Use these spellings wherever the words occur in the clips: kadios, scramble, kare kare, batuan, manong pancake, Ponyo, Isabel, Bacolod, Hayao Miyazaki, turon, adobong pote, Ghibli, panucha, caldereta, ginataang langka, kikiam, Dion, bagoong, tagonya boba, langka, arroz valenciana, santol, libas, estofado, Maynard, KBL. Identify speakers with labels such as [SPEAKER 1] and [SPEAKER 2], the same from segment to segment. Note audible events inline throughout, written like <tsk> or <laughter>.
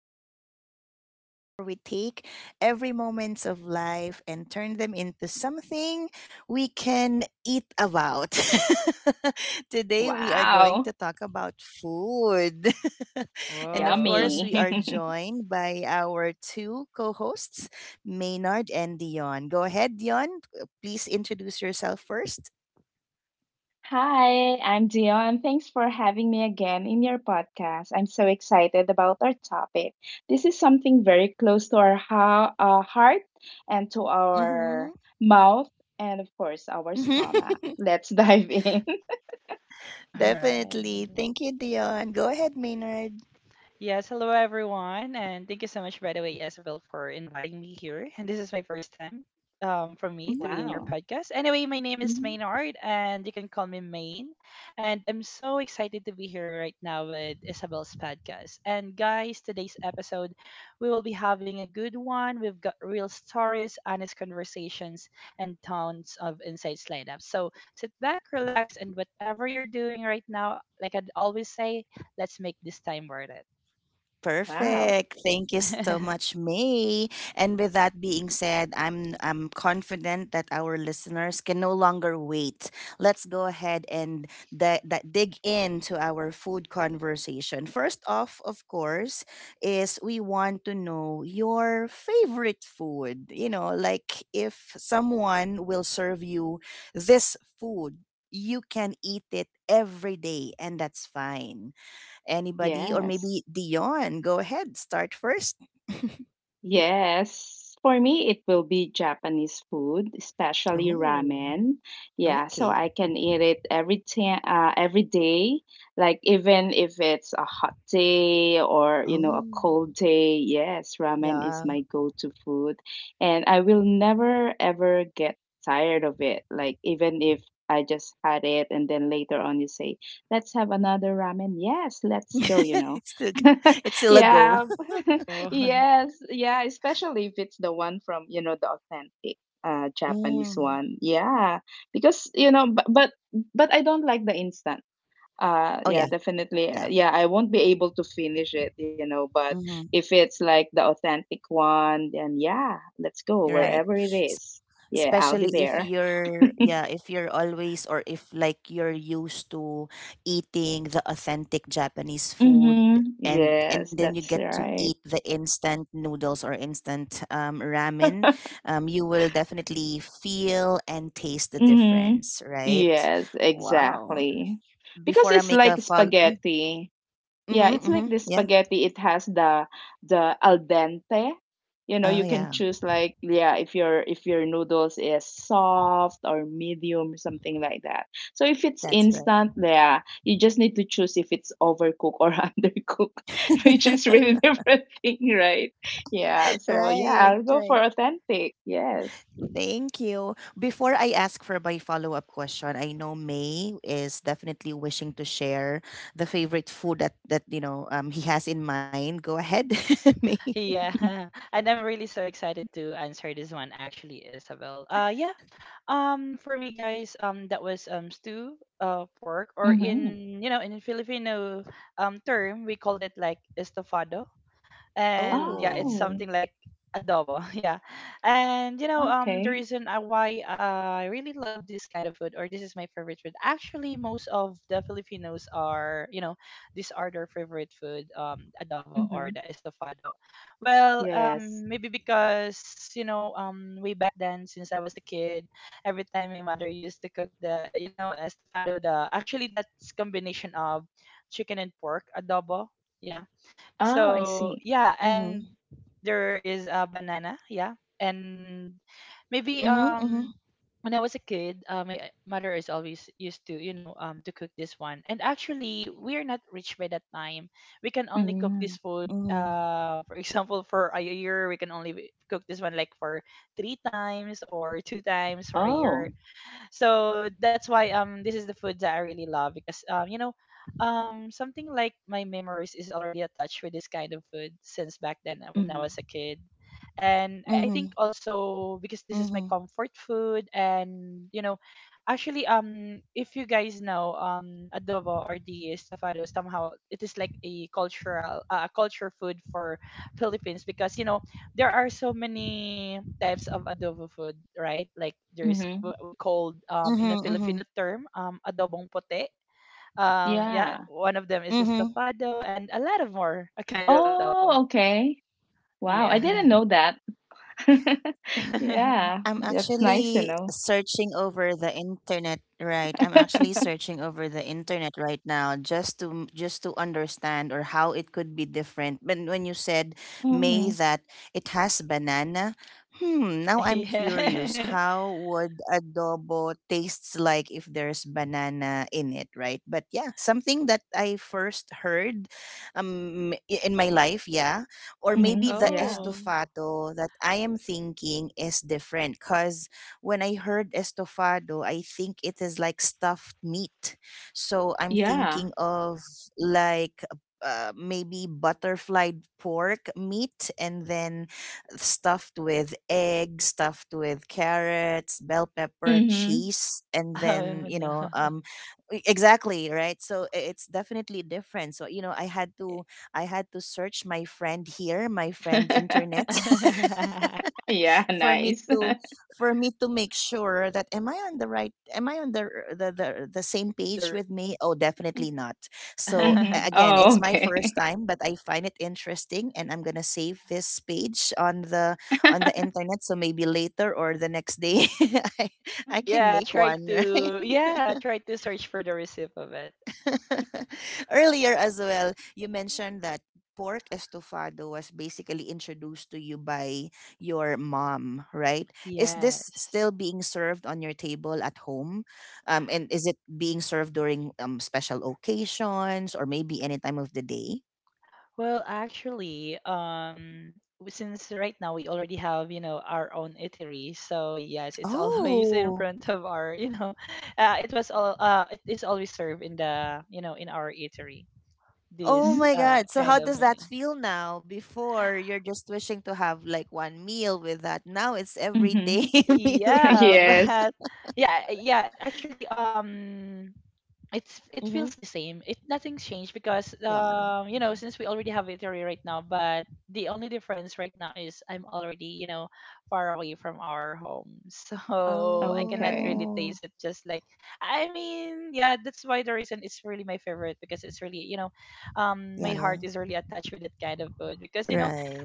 [SPEAKER 1] podcast, the show where we take every moments of life and turn them into something we can eat about. <laughs> Today, we are going to
[SPEAKER 2] Wow,
[SPEAKER 1] talk about food. <laughs> And of
[SPEAKER 3] Whoa.
[SPEAKER 1] course,
[SPEAKER 2] yummy.
[SPEAKER 1] we
[SPEAKER 3] <laughs>
[SPEAKER 1] are
[SPEAKER 2] <laughs>
[SPEAKER 1] joined by our two co hosts, Maynard and Dion. Go ahead, Dion. Please introduce yourself first.
[SPEAKER 2] Hi, I'm Dion, thanks for having me again in your podcast. I'm so excited about our topic. This is something very close to our heart and to
[SPEAKER 1] Mm-hmm.
[SPEAKER 2] our mouth, and of course, our
[SPEAKER 1] <laughs>
[SPEAKER 2] stomach. Let's dive in. <laughs>
[SPEAKER 3] All
[SPEAKER 1] Definitely.
[SPEAKER 3] right.
[SPEAKER 1] Thank you, Dion. Go ahead, Maynard.
[SPEAKER 3] Yes, hello everyone, and thank you so much, by the way, Isabel, for inviting me here. And this is my first time for me to be in your
[SPEAKER 1] Mm-hmm.
[SPEAKER 2] Wow,
[SPEAKER 3] podcast. Anyway, my name is Maynard, and you can call me Main. And I'm so excited to be here right now with Isabel's podcast. And guys, today's episode, we will be having a good one. We've got real stories, honest conversations, and tons of insights lined up. So sit back, relax, and whatever you're doing right now, like I'd always say, let's make this time worth it.
[SPEAKER 2] wow,
[SPEAKER 1] Perfect. Thank you so much,
[SPEAKER 3] <laughs>
[SPEAKER 1] May. And with that being said, I'm confident that our listeners can no longer wait. Let's go ahead and dig into our food conversation. First off, of course, is we want to know your favorite food. You know, like if someone will serve you this food, you can eat it every day and that's fine. Anybody or
[SPEAKER 2] yes.
[SPEAKER 1] maybe Dion? Go ahead, start first.
[SPEAKER 2] Yes. For me, it will be Japanese food, especially
[SPEAKER 1] Oh,
[SPEAKER 2] ramen. Yeah, so
[SPEAKER 1] okay.
[SPEAKER 2] I can eat it every time, every day. Like even if it's a hot day or you know a
[SPEAKER 1] Oh,
[SPEAKER 2] cold day, yes, ramen
[SPEAKER 1] yeah.
[SPEAKER 2] is my go-to food, and I will never ever get tired of it. Like even if I just had it, and then later on you say, "Let's have another ramen." Yes, let's go. You
[SPEAKER 1] <laughs>
[SPEAKER 2] know.
[SPEAKER 1] it's still
[SPEAKER 2] <laughs>
[SPEAKER 1] it's still a go.
[SPEAKER 2] Yeah. <laughs>
[SPEAKER 3] Oh, <laughs>
[SPEAKER 2] Yes. Yeah. Especially if it's the one from, you know, the authentic Japanese
[SPEAKER 1] Mm.
[SPEAKER 2] one. Yeah. Because, you know, but I don't like the instant.
[SPEAKER 1] Oh
[SPEAKER 2] Yeah,
[SPEAKER 1] yeah,
[SPEAKER 2] definitely.
[SPEAKER 1] yeah.
[SPEAKER 2] Yeah, I won't be able to finish it, you know, but
[SPEAKER 1] Mm-hmm.
[SPEAKER 2] if it's like the authentic one, then yeah, let's go
[SPEAKER 1] Right.
[SPEAKER 2] wherever it is. Yeah, I'll be
[SPEAKER 1] Especially if
[SPEAKER 2] there. <laughs>
[SPEAKER 1] you're, yeah, if you're always, or if like you're used to eating the authentic Japanese food,
[SPEAKER 2] Mm-hmm.
[SPEAKER 1] and then
[SPEAKER 2] Yes,
[SPEAKER 1] you get
[SPEAKER 2] that's
[SPEAKER 1] to eat
[SPEAKER 2] right.
[SPEAKER 1] the instant noodles or instant ramen,
[SPEAKER 2] <laughs>
[SPEAKER 1] you will definitely feel and taste the
[SPEAKER 2] Mhm.
[SPEAKER 1] difference, right?
[SPEAKER 2] Yes,
[SPEAKER 1] Wow,
[SPEAKER 2] exactly. Because
[SPEAKER 1] before I
[SPEAKER 2] it's
[SPEAKER 1] make
[SPEAKER 2] like
[SPEAKER 1] a fall.
[SPEAKER 2] spaghetti. Yeah,
[SPEAKER 1] Mm-hmm,
[SPEAKER 2] it's like
[SPEAKER 1] mm-hmm,
[SPEAKER 2] this
[SPEAKER 1] yeah.
[SPEAKER 2] spaghetti. It has the al dente. You know, you
[SPEAKER 1] Oh
[SPEAKER 2] can
[SPEAKER 1] yeah,
[SPEAKER 2] choose like yeah, if your noodles is soft or medium, something like that. So if it's
[SPEAKER 1] that's right.
[SPEAKER 2] instant, yeah, you just need to choose if it's overcooked or <laughs> undercooked, which is really <laughs> different thing, right? Yeah.
[SPEAKER 1] <laughs>
[SPEAKER 2] So yeah,
[SPEAKER 1] Right,
[SPEAKER 2] I'll go
[SPEAKER 1] right.
[SPEAKER 2] for authentic. Yes.
[SPEAKER 1] Thank you. Before I ask for my follow-up question, I know May is definitely wishing to share the favorite food that he has in mind. Go ahead, <laughs> May.
[SPEAKER 3] yeah. <laughs> And I'm really so excited to answer this one actually, Isabel. Yeah. For me guys, that was stew pork, or
[SPEAKER 2] Mm-hmm.
[SPEAKER 3] in you know in Filipino term, we called it like estofado. And yeah, it's
[SPEAKER 1] Oh.
[SPEAKER 2] Oh.
[SPEAKER 3] something like adobo. <laughs> Yeah. And the
[SPEAKER 2] Okay.
[SPEAKER 3] reason why I really love this kind of food, or this is my favorite food: actually most of the filipinos, are these are their favorite food, adobo
[SPEAKER 2] Mhm.
[SPEAKER 3] or the estofado. Well,
[SPEAKER 2] Yes.
[SPEAKER 3] maybe because way back then since I was a kid, every time my mother used to cook the, estofado, the actually that's combination of chicken and pork adobo. Yeah.
[SPEAKER 2] Oh, I
[SPEAKER 3] So
[SPEAKER 2] see.
[SPEAKER 3] yeah,
[SPEAKER 1] Mhm.
[SPEAKER 3] and there is a banana, yeah. And maybe
[SPEAKER 1] Mhm.
[SPEAKER 3] when I was a kid, my mother is always used to, to cook this one. And actually, we are not rich by that time. We can only cook this
[SPEAKER 2] Mhm.
[SPEAKER 3] food,
[SPEAKER 1] Mhm.
[SPEAKER 3] for <laughs> example, for a year, we can only cook this one like for three times or two times for a year.
[SPEAKER 2] Oh.
[SPEAKER 3] So that's why this is the food that I really love, because something like my memories is already attached with this kind of food since back then, when I was
[SPEAKER 2] Mhm.
[SPEAKER 3] a kid. And
[SPEAKER 1] Mhm.
[SPEAKER 3] I think also because
[SPEAKER 1] Mhm.
[SPEAKER 3] this is my comfort food. And actually if you guys know adobo or the estofado, somehow it is like a cultural a culture food for Philippines, because you know there are so many types of adobo food, right? Like there's
[SPEAKER 2] Mhm.
[SPEAKER 3] what we called,
[SPEAKER 1] Mhm.
[SPEAKER 3] in a
[SPEAKER 1] Mhm.
[SPEAKER 3] Filipino term, adobong pote. Yeah,
[SPEAKER 2] Yeah.
[SPEAKER 3] one of them is
[SPEAKER 1] Mhm.
[SPEAKER 3] estofado, and a lot of more a kind of
[SPEAKER 2] Oh,
[SPEAKER 3] adobo.
[SPEAKER 2] okay. Wow, I
[SPEAKER 3] Yeah.
[SPEAKER 2] didn't know that. <laughs> Yeah,
[SPEAKER 1] I'm
[SPEAKER 3] <laughs>
[SPEAKER 2] that's nice
[SPEAKER 1] actually
[SPEAKER 2] to know.
[SPEAKER 1] searching over the internet right. I'm actually
[SPEAKER 2] <laughs>
[SPEAKER 1] searching over the internet right now, just to understand or how it could be different. When you said, May,
[SPEAKER 2] Mhm.
[SPEAKER 1] that it has banana, hmm, now I'm
[SPEAKER 3] Yeah.
[SPEAKER 1] curious
[SPEAKER 3] <laughs>
[SPEAKER 1] how would adobo tastes like if there's banana in it, right? But yeah, something that I first heard in my life, yeah, or maybe
[SPEAKER 2] Mhm.
[SPEAKER 1] the
[SPEAKER 2] Yeah.
[SPEAKER 3] Oh.
[SPEAKER 1] estofado that I am thinking is different, because when I heard estofado, I think it is like stuffed meat. So I'm
[SPEAKER 2] Yeah.
[SPEAKER 1] thinking of like maybe butterflied pork meat, and then stuffed with egg, stuffed with carrots, bell pepper,
[SPEAKER 2] Mhm.
[SPEAKER 1] cheese, and then,
[SPEAKER 3] Oh no. <laughs>
[SPEAKER 1] exactly, right? So it's definitely different. So, I had to search my friend here, my friend internet.
[SPEAKER 2] <laughs>
[SPEAKER 1] <laughs>
[SPEAKER 2] Yeah,
[SPEAKER 1] for me
[SPEAKER 2] nice.
[SPEAKER 1] to for me to make sure that, am I on the same page
[SPEAKER 3] The-
[SPEAKER 1] with me? Oh, definitely
[SPEAKER 2] <laughs>
[SPEAKER 1] not. So
[SPEAKER 2] Mhm.
[SPEAKER 3] <laughs>
[SPEAKER 1] again,
[SPEAKER 2] Oh,
[SPEAKER 1] it's my
[SPEAKER 2] okay.
[SPEAKER 1] first time, but I find it interesting and I'm going to save this page on the
[SPEAKER 2] <laughs>
[SPEAKER 1] internet, so maybe later or the next day, <laughs> I, I
[SPEAKER 2] Mhm.
[SPEAKER 1] can
[SPEAKER 3] yeah,
[SPEAKER 1] make
[SPEAKER 3] try
[SPEAKER 2] Yeah.
[SPEAKER 1] one.
[SPEAKER 3] to
[SPEAKER 1] <laughs>
[SPEAKER 3] yeah, try to search for the receipt of it.
[SPEAKER 1] <laughs> Earlier as well, you mentioned that pork estofado was basically introduced to you by your mom, right? Is this
[SPEAKER 3] Yes.
[SPEAKER 1] still being served on your table at home? And is it being served during special occasions or maybe any time of the day?
[SPEAKER 3] Well, actually, since right now we already have, you know, our own eatery, so yes, it's <laughs> always in
[SPEAKER 1] Oh.
[SPEAKER 3] front of our, you know, <laughs> it is always served in the, you know, in our eatery,
[SPEAKER 1] Oh
[SPEAKER 3] this
[SPEAKER 2] Mm,
[SPEAKER 1] my God. So how
[SPEAKER 3] kind
[SPEAKER 2] okay.
[SPEAKER 3] of
[SPEAKER 1] does that
[SPEAKER 3] menu.
[SPEAKER 1] feel now? Before you're just wishing to have like one meal with that. Now it's everyday
[SPEAKER 2] Mhm.
[SPEAKER 1] <laughs> meal.
[SPEAKER 2] <laughs>
[SPEAKER 3] Yeah, <laughs>
[SPEAKER 2] Yes.
[SPEAKER 3] but yeah, actually, it's it
[SPEAKER 1] Hmm.
[SPEAKER 3] feels the same. It nothing's changed because
[SPEAKER 1] Yeah.
[SPEAKER 3] you know since we already have Italy right now, but the only difference right now is I'm already, you know, far away from our home, <laughs> so I cannot
[SPEAKER 2] Okay.
[SPEAKER 3] really
[SPEAKER 1] Oh.
[SPEAKER 3] taste it. Just like I mean, yeah, that's why the reason it's really my favorite, because it's really, you know, my heart is really attached with that kind of food, because
[SPEAKER 1] Right.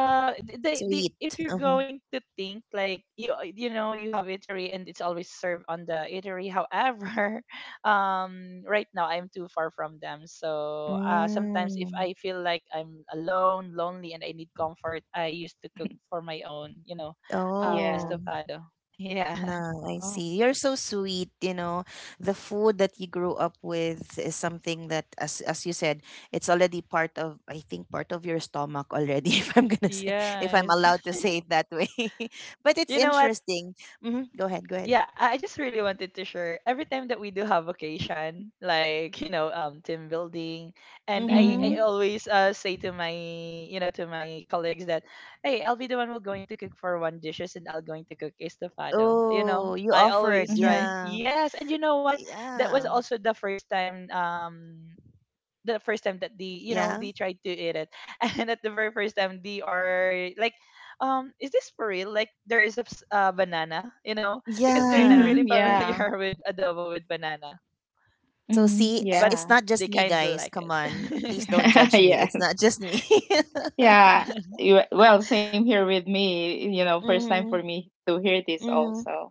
[SPEAKER 3] they
[SPEAKER 1] Sweet.
[SPEAKER 3] if
[SPEAKER 1] Uh-huh.
[SPEAKER 3] you're going to think like you know you have eatery and it's always served on the eatery, however <laughs> right now I'm too far from them. So sometimes if
[SPEAKER 1] Mm.
[SPEAKER 3] I feel like I'm alone, lonely, and I need comfort, I used to cook for my own, you know,
[SPEAKER 2] Yeah.
[SPEAKER 1] Oh,
[SPEAKER 3] estofado. <laughs> Yeah.
[SPEAKER 1] no, I
[SPEAKER 2] Oh.
[SPEAKER 1] see. You're so sweet, you know. The food that you grew up with is something that, as you said, it's already part of, I think, part of your stomach already, <laughs>
[SPEAKER 3] <laughs>
[SPEAKER 1] if I'm
[SPEAKER 3] Yes.
[SPEAKER 1] allowed to say it that way. <laughs> But
[SPEAKER 3] <laughs>
[SPEAKER 1] it's
[SPEAKER 3] You know what,
[SPEAKER 1] interesting. Mm-hmm. Go ahead, go ahead.
[SPEAKER 3] yeah, I just really wanted to share, every time that we do have occasion, like you know, team building, and I
[SPEAKER 2] Mhm,
[SPEAKER 1] Mm-hmm.
[SPEAKER 3] always say to my, you know, to my colleagues that, hey, I'll be the one who's going to cook for one dishes, and I'll going to cook estofado. You
[SPEAKER 1] Oh,
[SPEAKER 3] know,
[SPEAKER 1] you
[SPEAKER 3] I
[SPEAKER 1] offered,
[SPEAKER 3] always try.
[SPEAKER 2] mhm,
[SPEAKER 1] yeah.
[SPEAKER 3] Yes, and you know what? That was
[SPEAKER 1] Yeah.
[SPEAKER 3] also the first time that they,
[SPEAKER 1] Yeah.
[SPEAKER 3] you know, they tried to eat it. <laughs> And at the very first time they are like, is this for real, like there is a banana, you know, because they're not
[SPEAKER 1] Yeah.
[SPEAKER 3] really
[SPEAKER 2] mhm, yeah,
[SPEAKER 3] familiar <laughs> with adobo with banana.
[SPEAKER 1] So
[SPEAKER 2] mhm,
[SPEAKER 1] see,
[SPEAKER 3] But
[SPEAKER 1] it's
[SPEAKER 2] yeah.
[SPEAKER 1] not just
[SPEAKER 3] they
[SPEAKER 1] me,
[SPEAKER 3] kind of
[SPEAKER 1] guys.
[SPEAKER 3] like
[SPEAKER 1] Come on, please
[SPEAKER 3] it.
[SPEAKER 1] don't
[SPEAKER 2] <laughs>
[SPEAKER 1] judge me.
[SPEAKER 2] Yeah.
[SPEAKER 1] It's not just me. <laughs>
[SPEAKER 2] Yeah. Well, same here with me. You know, first time for
[SPEAKER 1] Mhm.
[SPEAKER 2] me to hear this
[SPEAKER 1] Mhm.
[SPEAKER 2] also.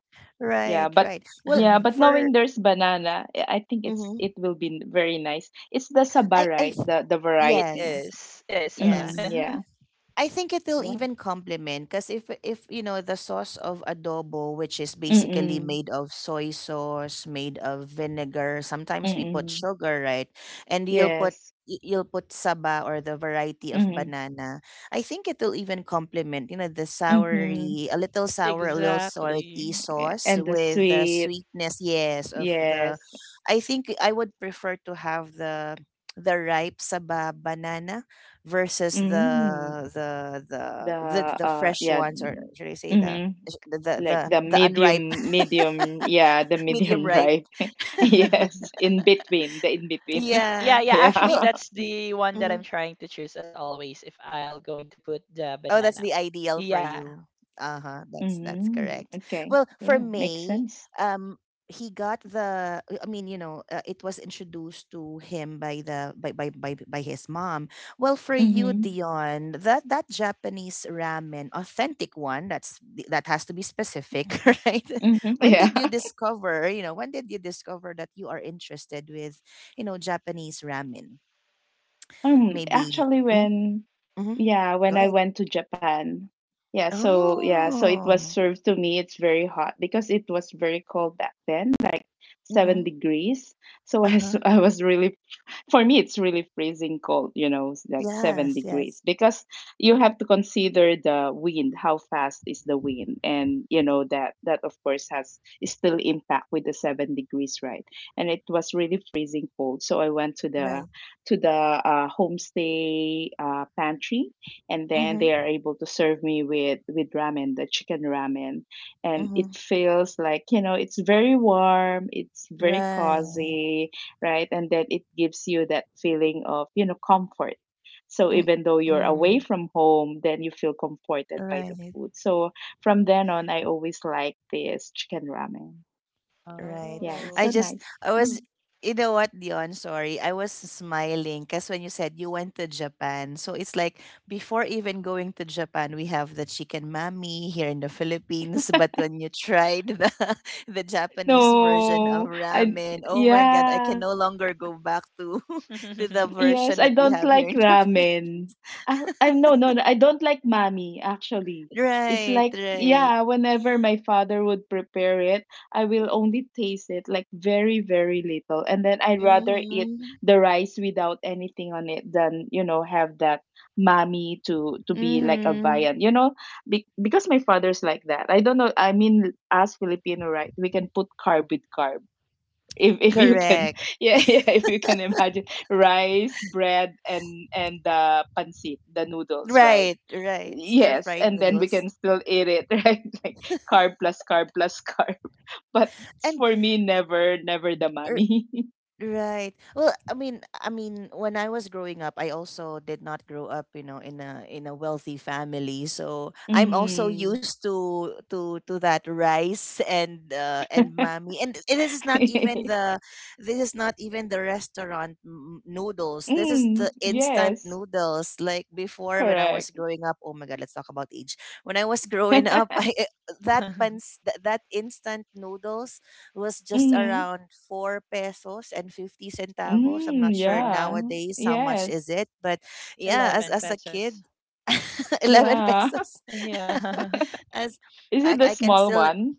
[SPEAKER 2] Yeah,
[SPEAKER 1] Right,
[SPEAKER 2] but
[SPEAKER 1] right. Well,
[SPEAKER 2] yeah, but
[SPEAKER 3] <laughs>
[SPEAKER 1] for.
[SPEAKER 2] knowing there's banana, I think
[SPEAKER 1] Mhm.
[SPEAKER 2] it will be very nice. It's the saba,
[SPEAKER 1] I I
[SPEAKER 2] right?
[SPEAKER 1] f-
[SPEAKER 2] The
[SPEAKER 3] it
[SPEAKER 2] variety.
[SPEAKER 1] yes.
[SPEAKER 3] is it is saba.
[SPEAKER 2] Mm,
[SPEAKER 1] Yes.
[SPEAKER 2] yeah,
[SPEAKER 3] <laughs>
[SPEAKER 1] I think it'll
[SPEAKER 2] yeah.
[SPEAKER 1] even complement because if you know the sauce of adobo, which is basically
[SPEAKER 2] Mm-mm,
[SPEAKER 1] made of soy sauce, made of vinegar, sometimes we put
[SPEAKER 2] mm-mm.
[SPEAKER 1] sugar, right? And
[SPEAKER 2] Yes.
[SPEAKER 1] you'll put saba or the variety of
[SPEAKER 2] Mm-mm,
[SPEAKER 1] banana. I think it'll even complement, the
[SPEAKER 2] mm-hmm.
[SPEAKER 1] soury, a little sour, a little salty
[SPEAKER 3] Exactly.
[SPEAKER 1] sauce
[SPEAKER 2] And the
[SPEAKER 1] with the
[SPEAKER 2] sweet.
[SPEAKER 1] sweetness, yes, of the.
[SPEAKER 2] Yes.
[SPEAKER 1] I think I would prefer to have the ripe saba banana versus
[SPEAKER 2] Mm.
[SPEAKER 1] the the the
[SPEAKER 2] The,
[SPEAKER 1] the, the fresh
[SPEAKER 2] yeah,
[SPEAKER 1] ones, or
[SPEAKER 2] mm,
[SPEAKER 1] should I say the
[SPEAKER 2] mhm,
[SPEAKER 1] the the
[SPEAKER 2] like
[SPEAKER 1] the,
[SPEAKER 2] the
[SPEAKER 1] the unripe.
[SPEAKER 2] medium, medium, yeah, the
[SPEAKER 1] <laughs> Medium
[SPEAKER 2] medium <laughs>
[SPEAKER 1] ripe.
[SPEAKER 2] ripe. <laughs> Yes,
[SPEAKER 3] <laughs>
[SPEAKER 2] in between, the in between.
[SPEAKER 1] Yeah.
[SPEAKER 3] Yeah,
[SPEAKER 2] <laughs>
[SPEAKER 3] yeah,
[SPEAKER 2] Yeah.
[SPEAKER 3] actually
[SPEAKER 1] Well,
[SPEAKER 2] <laughs>
[SPEAKER 3] that's the
[SPEAKER 1] mm-hmm.
[SPEAKER 3] one
[SPEAKER 1] Mm-hmm.
[SPEAKER 3] that I'm trying to choose, as always, if I'll going
[SPEAKER 1] Oh,
[SPEAKER 3] to
[SPEAKER 1] that's the
[SPEAKER 3] put the
[SPEAKER 1] ideal for
[SPEAKER 3] banana.
[SPEAKER 1] you.
[SPEAKER 3] Yeah.
[SPEAKER 1] Uh-huh. That's correct.
[SPEAKER 2] Mm-hmm.
[SPEAKER 1] Well,
[SPEAKER 2] Okay.
[SPEAKER 1] for
[SPEAKER 2] Yeah,
[SPEAKER 1] May,
[SPEAKER 2] makes sense.
[SPEAKER 1] um he got the, I mean, it was introduced to him by the by his mom. Well, for you,
[SPEAKER 2] Mm-hmm.
[SPEAKER 1] Dion, that Japanese ramen, authentic one, that has to be specific, <laughs> right?
[SPEAKER 2] Mm-hmm. <laughs> Yeah.
[SPEAKER 1] When did you discover that you are interested with, Japanese ramen? Maybe.
[SPEAKER 2] Actually
[SPEAKER 1] Mhm,
[SPEAKER 2] when
[SPEAKER 1] mhm.
[SPEAKER 2] yeah, when
[SPEAKER 1] Go
[SPEAKER 2] I
[SPEAKER 1] ahead.
[SPEAKER 2] went to Japan. Yeah, so it was
[SPEAKER 1] Oh.
[SPEAKER 2] served to me. It's very hot because it was very cold back then, like seven
[SPEAKER 1] Mhm.
[SPEAKER 2] degrees. <laughs> So
[SPEAKER 1] Uh-huh.
[SPEAKER 2] I was really, for me, it's really freezing cold, you know, it's like seven
[SPEAKER 1] Yes,
[SPEAKER 2] degrees
[SPEAKER 1] yes.
[SPEAKER 2] because you have to consider the wind, how fast is the wind, and you know that of course has is still impact with the 7 degrees, right? And it was really freezing cold. So I went to the
[SPEAKER 1] Right.
[SPEAKER 2] homestay pantry, and then they
[SPEAKER 1] Mhm.
[SPEAKER 2] are able to serve me with ramen, the chicken ramen, and it
[SPEAKER 1] Mhm.
[SPEAKER 2] feels like you know it's very warm, it's very
[SPEAKER 1] Right.
[SPEAKER 2] cozy, right? And then it gives you that feeling of you know comfort. So even though you're
[SPEAKER 1] Mm-mm.
[SPEAKER 2] away from home, then you feel comforted by the
[SPEAKER 1] Right.
[SPEAKER 2] food. So from then on, I always like this chicken ramen.
[SPEAKER 1] Right.
[SPEAKER 2] Yeah, it's
[SPEAKER 1] I
[SPEAKER 2] so
[SPEAKER 3] Oh.
[SPEAKER 1] just,
[SPEAKER 2] nice.
[SPEAKER 1] I
[SPEAKER 2] Mm.
[SPEAKER 1] was, You know what, Dion? Sorry. I was smiling because when you said you went to Japan, so it's like before even going to Japan, we have the chicken mami here in the Philippines. <laughs> But when you tried the, <laughs> the Japanese version of
[SPEAKER 2] No, I
[SPEAKER 1] ramen, oh my God, I can
[SPEAKER 2] yeah.
[SPEAKER 1] no longer go back to <laughs> to the
[SPEAKER 3] <laughs>
[SPEAKER 2] Yes,
[SPEAKER 1] version
[SPEAKER 2] I
[SPEAKER 1] that we
[SPEAKER 2] don't
[SPEAKER 1] have here
[SPEAKER 2] like
[SPEAKER 1] in the Philippines.
[SPEAKER 2] ramen. I No, no, no, I don't like mami actually. It's
[SPEAKER 1] Right,
[SPEAKER 2] like
[SPEAKER 1] right.
[SPEAKER 2] yeah, whenever my father would prepare it, I will only taste it like very very little and then I'd rather eat
[SPEAKER 1] Mm-hmm.
[SPEAKER 2] the rice without anything on it than, you know, have that mami to be like a
[SPEAKER 1] Mm-hmm.
[SPEAKER 2] viand. You know, because my father's like that. I don't know, I mean as Filipino right, we can put carb with carb if you can,
[SPEAKER 1] Correct.
[SPEAKER 2] <laughs> yeah, yeah, if you can imagine rice, bread, and the pancit, the noodles, right?
[SPEAKER 1] Right, right. Stir
[SPEAKER 2] Yes,
[SPEAKER 1] fried
[SPEAKER 2] and then we
[SPEAKER 1] noodles.
[SPEAKER 2] can still eat it, <laughs> right? Like carb plus carb plus carb. <laughs> But
[SPEAKER 1] And
[SPEAKER 2] for me, never never the mommy.
[SPEAKER 1] right. Well, I mean, when I was growing up, I also did not grow up, in a wealthy family. So
[SPEAKER 2] <laughs>
[SPEAKER 1] I'm also
[SPEAKER 2] Mm.
[SPEAKER 1] used to that rice and mommy. And this is not even
[SPEAKER 2] <laughs>
[SPEAKER 1] the this is not even the restaurant noodles. This is
[SPEAKER 2] Mm,
[SPEAKER 1] the instant
[SPEAKER 2] yes,
[SPEAKER 1] noodles. Like before, when I was
[SPEAKER 2] correct.
[SPEAKER 1] growing up, oh my God, let's talk about age. When I was growing up, <laughs>
[SPEAKER 2] <laughs>
[SPEAKER 1] I that pans that instant noodles was just
[SPEAKER 2] Mm-hmm.
[SPEAKER 1] around 4 pesos and 50 centavos. I'm not
[SPEAKER 2] Mm,
[SPEAKER 1] sure
[SPEAKER 2] yeah,
[SPEAKER 3] Oh,
[SPEAKER 1] nowadays how much
[SPEAKER 2] yes,
[SPEAKER 1] is it, but yeah, as
[SPEAKER 3] 11
[SPEAKER 1] a kid,
[SPEAKER 3] pesos.
[SPEAKER 1] <laughs> 11
[SPEAKER 2] yeah. <laughs>
[SPEAKER 1] pesos. <laughs>
[SPEAKER 3] Yeah. <laughs>
[SPEAKER 1] As
[SPEAKER 2] Is
[SPEAKER 1] I,
[SPEAKER 2] it the
[SPEAKER 1] I can
[SPEAKER 2] small
[SPEAKER 1] still.
[SPEAKER 2] one?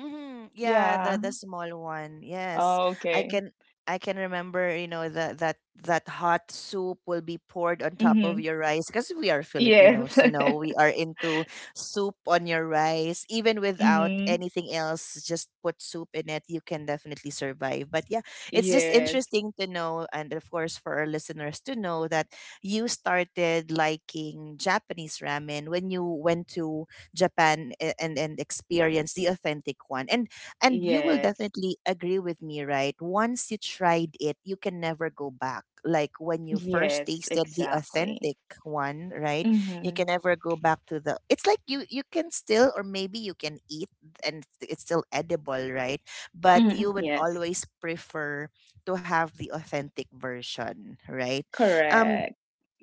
[SPEAKER 1] Mm-hmm. Yeah,
[SPEAKER 2] Yeah.
[SPEAKER 1] the small one. Yes.
[SPEAKER 2] Oh,
[SPEAKER 1] I
[SPEAKER 2] okay.
[SPEAKER 1] can I can remember, you know, that that hot soup will be poured on top of
[SPEAKER 2] Mhm.
[SPEAKER 1] your rice because we are
[SPEAKER 2] Yes.
[SPEAKER 1] Filipinos, we
[SPEAKER 2] <laughs>
[SPEAKER 1] are into soup on your rice even without
[SPEAKER 2] Hmm.
[SPEAKER 1] anything else, just put soup in it, you can definitely survive. But yeah, it's just
[SPEAKER 2] Yes.
[SPEAKER 1] interesting to know, and of course for our listeners to know that you started liking Japanese ramen when you went to Japan, and experience the authentic one. And you will
[SPEAKER 2] Yes.
[SPEAKER 1] definitely agree with me, right? Once you tried it, you can never go back. Like when you first
[SPEAKER 2] Yes,
[SPEAKER 1] tasted the
[SPEAKER 2] exactly.
[SPEAKER 1] authentic one, right? You
[SPEAKER 2] Mm-hmm.
[SPEAKER 1] can never go back to the. It's like you can still or maybe you can eat and it's still edible, right? But
[SPEAKER 2] Hmm.
[SPEAKER 1] you would
[SPEAKER 2] Yes.
[SPEAKER 1] always prefer to have the authentic version, right? Um
[SPEAKER 2] Correct.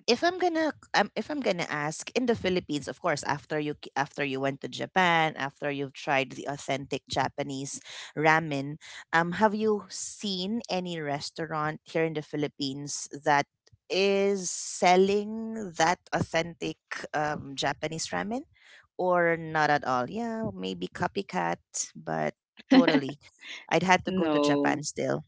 [SPEAKER 1] if I'm gonna ask in the Philippines, of course, after you after you went to Japan, after you've tried the authentic Japanese ramen, have you seen any restaurant here in the Philippines that is selling that authentic Japanese ramen, or not at all? Yeah, maybe copycat, but
[SPEAKER 2] <laughs>
[SPEAKER 1] totally, I'd had to go to Japan
[SPEAKER 2] No.
[SPEAKER 1] still.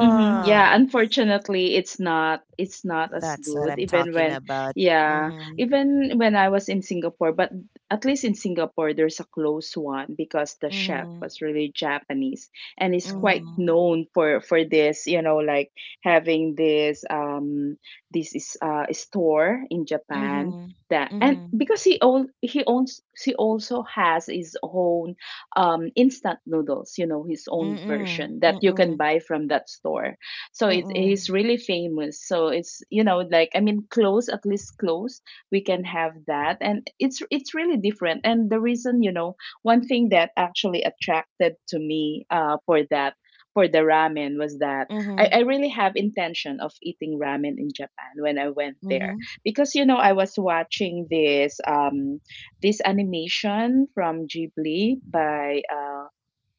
[SPEAKER 2] Mm-hmm. Yeah, unfortunately, it's not as
[SPEAKER 1] that's what
[SPEAKER 2] good.
[SPEAKER 1] I'm
[SPEAKER 2] Even
[SPEAKER 1] talking
[SPEAKER 2] when,
[SPEAKER 1] about.
[SPEAKER 2] yeah,
[SPEAKER 1] Mm-hmm.
[SPEAKER 2] even when I was in Singapore, but at least in Singapore there's a close one because the chef
[SPEAKER 1] Mhm,
[SPEAKER 2] was really Japanese and is
[SPEAKER 3] Oh.
[SPEAKER 2] quite
[SPEAKER 1] mhm,
[SPEAKER 2] known for this, you know, like having this this is store in Japan.
[SPEAKER 1] mhm,
[SPEAKER 2] That, and
[SPEAKER 1] mhm,
[SPEAKER 2] because he owns, he also has his own instant noodles, you know, his own
[SPEAKER 1] mm-mm,
[SPEAKER 2] version that you can
[SPEAKER 1] mm-mm,
[SPEAKER 2] buy from that store. So it's
[SPEAKER 1] mm-mm,
[SPEAKER 2] he's really famous. So it's, you know, like, I mean, close, at least close, we can have that, and it's really different. And the reason, you know, one thing that actually attracted to me, for the ramen was that I
[SPEAKER 1] mhm,
[SPEAKER 2] really have intention of eating ramen in Japan when I went there
[SPEAKER 1] mhm.
[SPEAKER 2] because you know I was watching this this animation from Ghibli by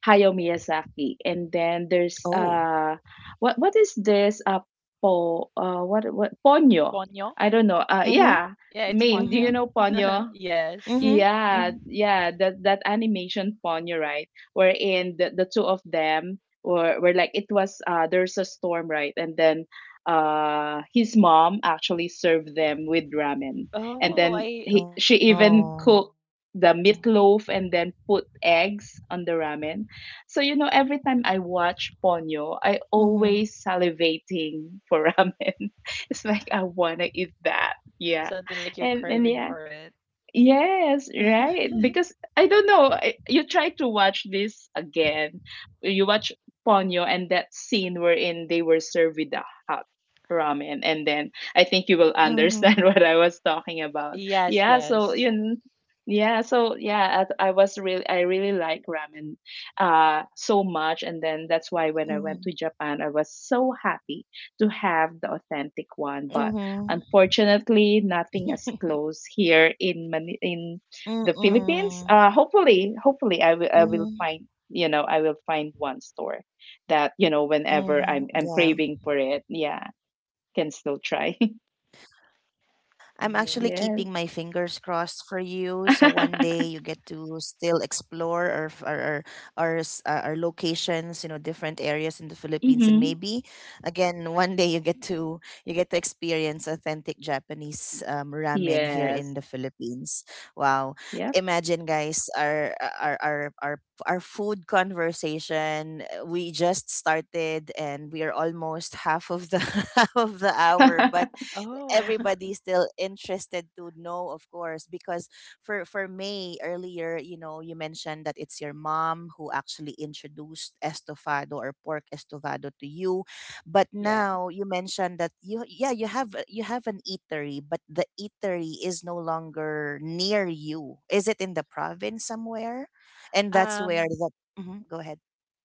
[SPEAKER 2] Hayao Miyazaki. And then there's
[SPEAKER 1] Oh.
[SPEAKER 2] what is this po what Ponyo.
[SPEAKER 3] Ponyo?
[SPEAKER 2] I don't know. Yeah.
[SPEAKER 1] Mhm,
[SPEAKER 3] Yeah, it's
[SPEAKER 2] Main, do you
[SPEAKER 1] mhm,
[SPEAKER 2] know
[SPEAKER 3] ponyo.
[SPEAKER 2] Ponyo?
[SPEAKER 3] <laughs> Yes.
[SPEAKER 1] mhm,
[SPEAKER 2] Yeah,
[SPEAKER 1] mhm.
[SPEAKER 2] yeah, that animation Ponyo, right? Wherein the, two of them were like it was there's a storm, right? And then his mom actually served them with ramen. And then
[SPEAKER 3] Oh, I
[SPEAKER 2] he she
[SPEAKER 1] Oh.
[SPEAKER 2] even cooked the meatloaf and then put eggs on the ramen. So, you know, every time I watch
[SPEAKER 1] Mhm,
[SPEAKER 2] Ponyo, I always salivating for ramen. <laughs> It's like I wanna eat that. Yeah.
[SPEAKER 3] something like
[SPEAKER 2] And
[SPEAKER 3] you're
[SPEAKER 2] and yeah,
[SPEAKER 3] craving for it.
[SPEAKER 2] yes, right.
[SPEAKER 3] <laughs>
[SPEAKER 2] Because I don't know, you try to watch this again. You watch Ponyo and that scene wherein they were served with the hot ramen, and then I think you will understand <laughs>
[SPEAKER 1] mhm,
[SPEAKER 2] what I was talking about. Yeah,
[SPEAKER 3] Yes,
[SPEAKER 2] so
[SPEAKER 3] yes.
[SPEAKER 2] yeah, so yeah, I really like ramen so much, and then
[SPEAKER 1] mhm,
[SPEAKER 2] that's why when I went to Japan, I was so happy to have the authentic one,
[SPEAKER 1] mhm,
[SPEAKER 2] but unfortunately, nothing
[SPEAKER 1] <laughs>
[SPEAKER 2] as close here in in the Philippines.
[SPEAKER 1] mm-mm,
[SPEAKER 2] Hopefully,
[SPEAKER 1] mhm,
[SPEAKER 2] I will find one store that, you know, whenever
[SPEAKER 1] mhm.
[SPEAKER 2] I'm
[SPEAKER 1] Yeah.
[SPEAKER 2] craving for it, yeah, can still try.
[SPEAKER 1] I'm
[SPEAKER 2] <laughs>
[SPEAKER 1] actually
[SPEAKER 3] Yeah.
[SPEAKER 2] Yes.
[SPEAKER 1] keeping my fingers crossed for you, so one
[SPEAKER 2] <laughs>
[SPEAKER 1] day you get to still explore our locations, you know, different areas in the Philippines, and
[SPEAKER 2] Mm-hmm.
[SPEAKER 1] maybe again one day you get to experience authentic Japanese ramen here
[SPEAKER 2] Yes.
[SPEAKER 1] in the Philippines. Wow!
[SPEAKER 2] Yep.
[SPEAKER 1] Imagine, guys, our food conversation. We just started, and we are almost half of the <laughs> half of the hour, but
[SPEAKER 2] <laughs>
[SPEAKER 3] Oh. <laughs>
[SPEAKER 1] everybody's still interested to know, of course, because for May earlier, you mentioned that it's your mom who actually introduced estofado or pork estofado to you, but
[SPEAKER 3] Yeah.
[SPEAKER 1] now you mentioned that you yeah you have a- you have an eatery, but the eatery is no longer near you. Is it in the province somewhere? And that's where
[SPEAKER 3] Um,
[SPEAKER 1] the. Mhm, go ahead.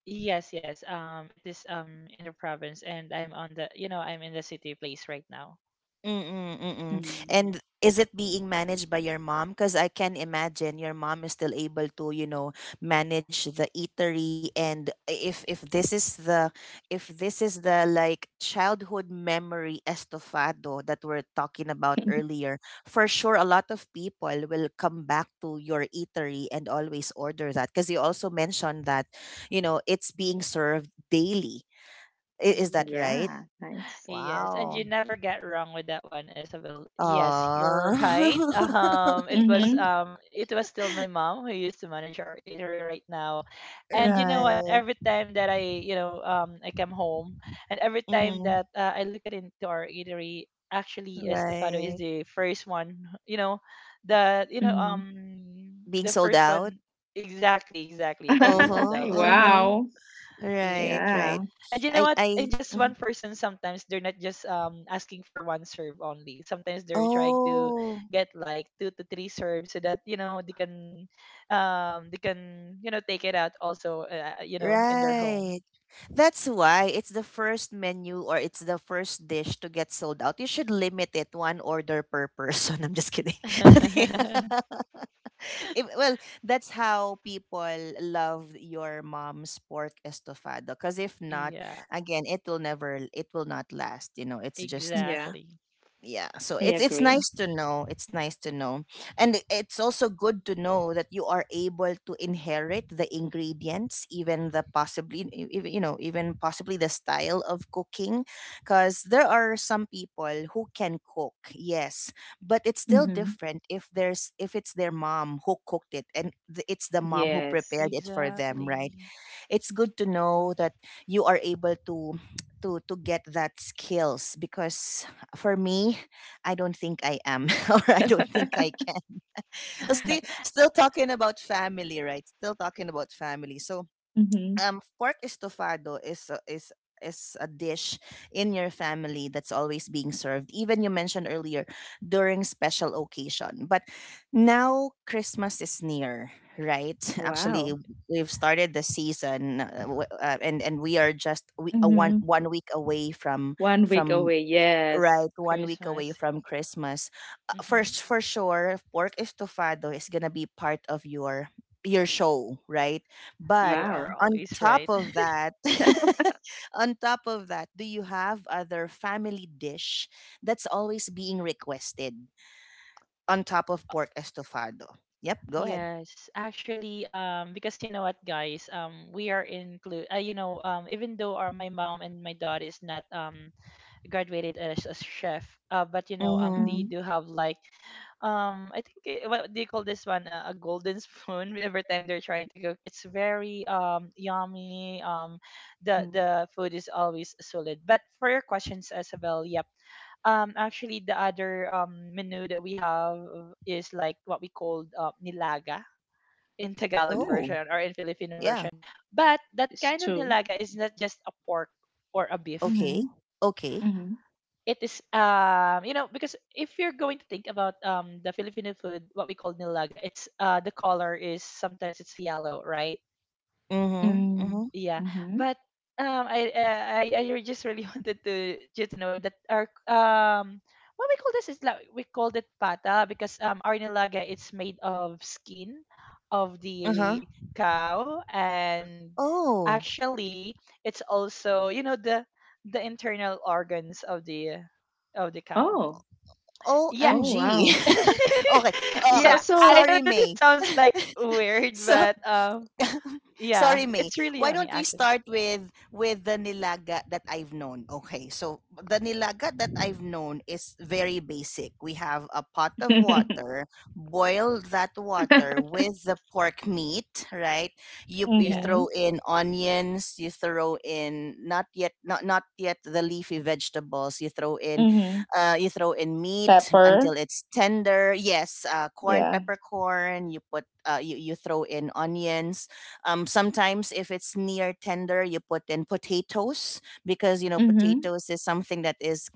[SPEAKER 3] yes, yes. It is in the province, and I'm on the, you know, I'm in the city place right now.
[SPEAKER 1] Mm-mm, mm-mm.
[SPEAKER 2] Mm.
[SPEAKER 1] And is it being managed by your mom? Because I can imagine your mom is still able to, manage the eatery. And if this is the if this is the like childhood memory estofado that we're talking about
[SPEAKER 2] <laughs>
[SPEAKER 1] earlier, for sure a lot of people will come back to your eatery and always order that. Because you also mentioned that, it's being served daily. Is that
[SPEAKER 3] Yes.
[SPEAKER 1] right?
[SPEAKER 2] Yeah. Nice.
[SPEAKER 3] Yes, and you
[SPEAKER 1] Wow.
[SPEAKER 3] never get wrong with that one, Isabel. Yes,
[SPEAKER 1] Aw.
[SPEAKER 3] you're right. <laughs>
[SPEAKER 1] <laughs>
[SPEAKER 2] Mm-hmm.
[SPEAKER 3] It was still my mom who used to manage our eatery right now. And you know
[SPEAKER 2] Mm-hmm.
[SPEAKER 3] what?
[SPEAKER 1] Right.
[SPEAKER 3] Every time that I, you know, I come home, and every time
[SPEAKER 1] Mm-hmm.
[SPEAKER 3] that I look at into our eatery, actually, Estofado is
[SPEAKER 1] Right.
[SPEAKER 3] the first one. You know, you know
[SPEAKER 2] Mm-hmm.
[SPEAKER 1] Being
[SPEAKER 3] the
[SPEAKER 1] sold
[SPEAKER 3] first
[SPEAKER 1] out.
[SPEAKER 3] one Exactly, exactly, to be sold
[SPEAKER 2] <laughs>
[SPEAKER 1] Uh-huh.
[SPEAKER 3] out. <laughs>
[SPEAKER 1] Uh-huh.
[SPEAKER 2] Wow.
[SPEAKER 1] Right,
[SPEAKER 3] Yes.
[SPEAKER 2] Yeah.
[SPEAKER 1] right.
[SPEAKER 3] And you know what? And
[SPEAKER 1] I
[SPEAKER 3] just one
[SPEAKER 1] Mhm.
[SPEAKER 3] person, sometimes they're not just asking for one serve only. Sometimes they're trying to
[SPEAKER 1] Oh,
[SPEAKER 3] get like two to three serves, so that you know they can they can, you know, take it out also, you know, in their
[SPEAKER 1] right.
[SPEAKER 3] home.
[SPEAKER 1] That's why it's the first menu or it's the first dish to get sold out. You should limit it one order per person. <laughs> I'm just kidding. <laughs>
[SPEAKER 3] <laughs>
[SPEAKER 1] Well, that's how people love your mom's pork estofado. Because if not,
[SPEAKER 3] Yeah,
[SPEAKER 1] again, it will never, it will not last. You know, it's just
[SPEAKER 2] Yeah.
[SPEAKER 3] exactly.
[SPEAKER 1] yeah, so
[SPEAKER 2] I
[SPEAKER 1] it's
[SPEAKER 2] agree.
[SPEAKER 1] nice to know, it's nice to know. And it's also good to know that you are able to inherit the ingredients, even the possibly even, you know, even possibly the style of cooking. Because there are some people who can cook, yes, but it's still
[SPEAKER 2] Mm-hmm.
[SPEAKER 1] different if there's if it's their mom who cooked it and it's the mom who prepared
[SPEAKER 2] Yes. <laughs>
[SPEAKER 1] it for them, right?
[SPEAKER 3] Exactly.
[SPEAKER 1] It's good to know that you are able to to get that skills. Because for me, I don't think I am, <laughs> or I don't think I can. still
[SPEAKER 3] <laughs>
[SPEAKER 1] still talking about family, right? Still talking about family. So
[SPEAKER 2] Mhm.
[SPEAKER 1] pork estofado is is a dish in your family that's always being served. Even you mentioned earlier during special occasion, but now Christmas is near, right? Actually,
[SPEAKER 2] Wow.
[SPEAKER 1] we've started the season, and we are just one
[SPEAKER 2] Mhm.
[SPEAKER 1] one week away
[SPEAKER 2] one week
[SPEAKER 1] from
[SPEAKER 2] away. Yes.
[SPEAKER 1] right 1 week away
[SPEAKER 3] Christmas.
[SPEAKER 1] from Christmas.
[SPEAKER 3] Hmm.
[SPEAKER 1] For sure pork estofado is gonna be part of your show, right? But
[SPEAKER 3] You are
[SPEAKER 2] Wow.
[SPEAKER 1] on
[SPEAKER 3] always
[SPEAKER 1] top
[SPEAKER 3] right.
[SPEAKER 1] of
[SPEAKER 3] <laughs>
[SPEAKER 1] that, <laughs> on top of that, do you have other family dish that's always being requested on top of pork estofado? Yep, go ahead.
[SPEAKER 3] Yes, actually, because you know what, guys, we are include, you know, even though our my mom and my dad is not graduated as a chef, but you know, they
[SPEAKER 1] Mm-hmm.
[SPEAKER 2] Mhm.
[SPEAKER 3] do have like, I think it, what do you call this one? A golden spoon. <laughs> Every time they're trying to cook, it's very yummy. Um, the
[SPEAKER 2] Mm.
[SPEAKER 3] the food is always solid. But for your questions, Isabel, yep. Actually, the other menu that we have is like what we called nilaga, in Tagalog
[SPEAKER 2] Mm.
[SPEAKER 1] Oh,
[SPEAKER 3] version or in Filipino
[SPEAKER 1] yeah.
[SPEAKER 3] version. But that
[SPEAKER 2] It's
[SPEAKER 3] kind of
[SPEAKER 2] true.
[SPEAKER 3] nilaga is not just a pork or a beef.
[SPEAKER 1] Okay,
[SPEAKER 2] Mhm.
[SPEAKER 1] okay.
[SPEAKER 2] Mhm.
[SPEAKER 3] It is, you know, because if you're going to think about the Filipino food, what we call nilaga, it's the color is sometimes it's yellow, right?
[SPEAKER 1] Mm-hmm. Mm-hmm.
[SPEAKER 2] Mm.
[SPEAKER 3] Yeah,
[SPEAKER 2] Mhm.
[SPEAKER 3] but I re- just really <laughs> wanted to you to know that our what we call this is like we called it pata, because our nilaga it's made of skin of
[SPEAKER 1] Uh-huh.
[SPEAKER 3] the cow. And
[SPEAKER 1] Oh,
[SPEAKER 3] actually it's also, you know, the internal organs of the cow.
[SPEAKER 2] Oh.
[SPEAKER 3] Yeah.
[SPEAKER 1] OMG.
[SPEAKER 2] Oh, wow.
[SPEAKER 3] <laughs>
[SPEAKER 1] <laughs> Okay,
[SPEAKER 2] Uh, So
[SPEAKER 1] okay.
[SPEAKER 3] Yeah,
[SPEAKER 2] so
[SPEAKER 3] I
[SPEAKER 1] Sorry,
[SPEAKER 3] know that
[SPEAKER 1] May.
[SPEAKER 3] it sounds like weird,
[SPEAKER 1] So,
[SPEAKER 3] but
[SPEAKER 1] <laughs>
[SPEAKER 3] yeah,
[SPEAKER 1] sorry, May.
[SPEAKER 3] it's really
[SPEAKER 1] Why
[SPEAKER 3] yummy
[SPEAKER 1] don't we
[SPEAKER 3] actually.
[SPEAKER 1] start with the nilaga that I've known? Okay, so the nilaga that I've known is very basic. We have a pot of
[SPEAKER 2] <laughs>
[SPEAKER 1] water, boil that water with the pork meat, right? You
[SPEAKER 3] Yeah.
[SPEAKER 1] throw
[SPEAKER 2] Mhm.
[SPEAKER 1] in onions, you throw in not not yet the leafy vegetables.
[SPEAKER 2] Mhm.
[SPEAKER 1] You throw in meat
[SPEAKER 2] Pepper.
[SPEAKER 1] until it's tender. Yes, corn,
[SPEAKER 2] Yeah.
[SPEAKER 1] peppercorn. You put you throw in onions. Sometimes if it's near tender, you put in potatoes, because you know
[SPEAKER 2] Mhm.
[SPEAKER 1] potatoes is something that is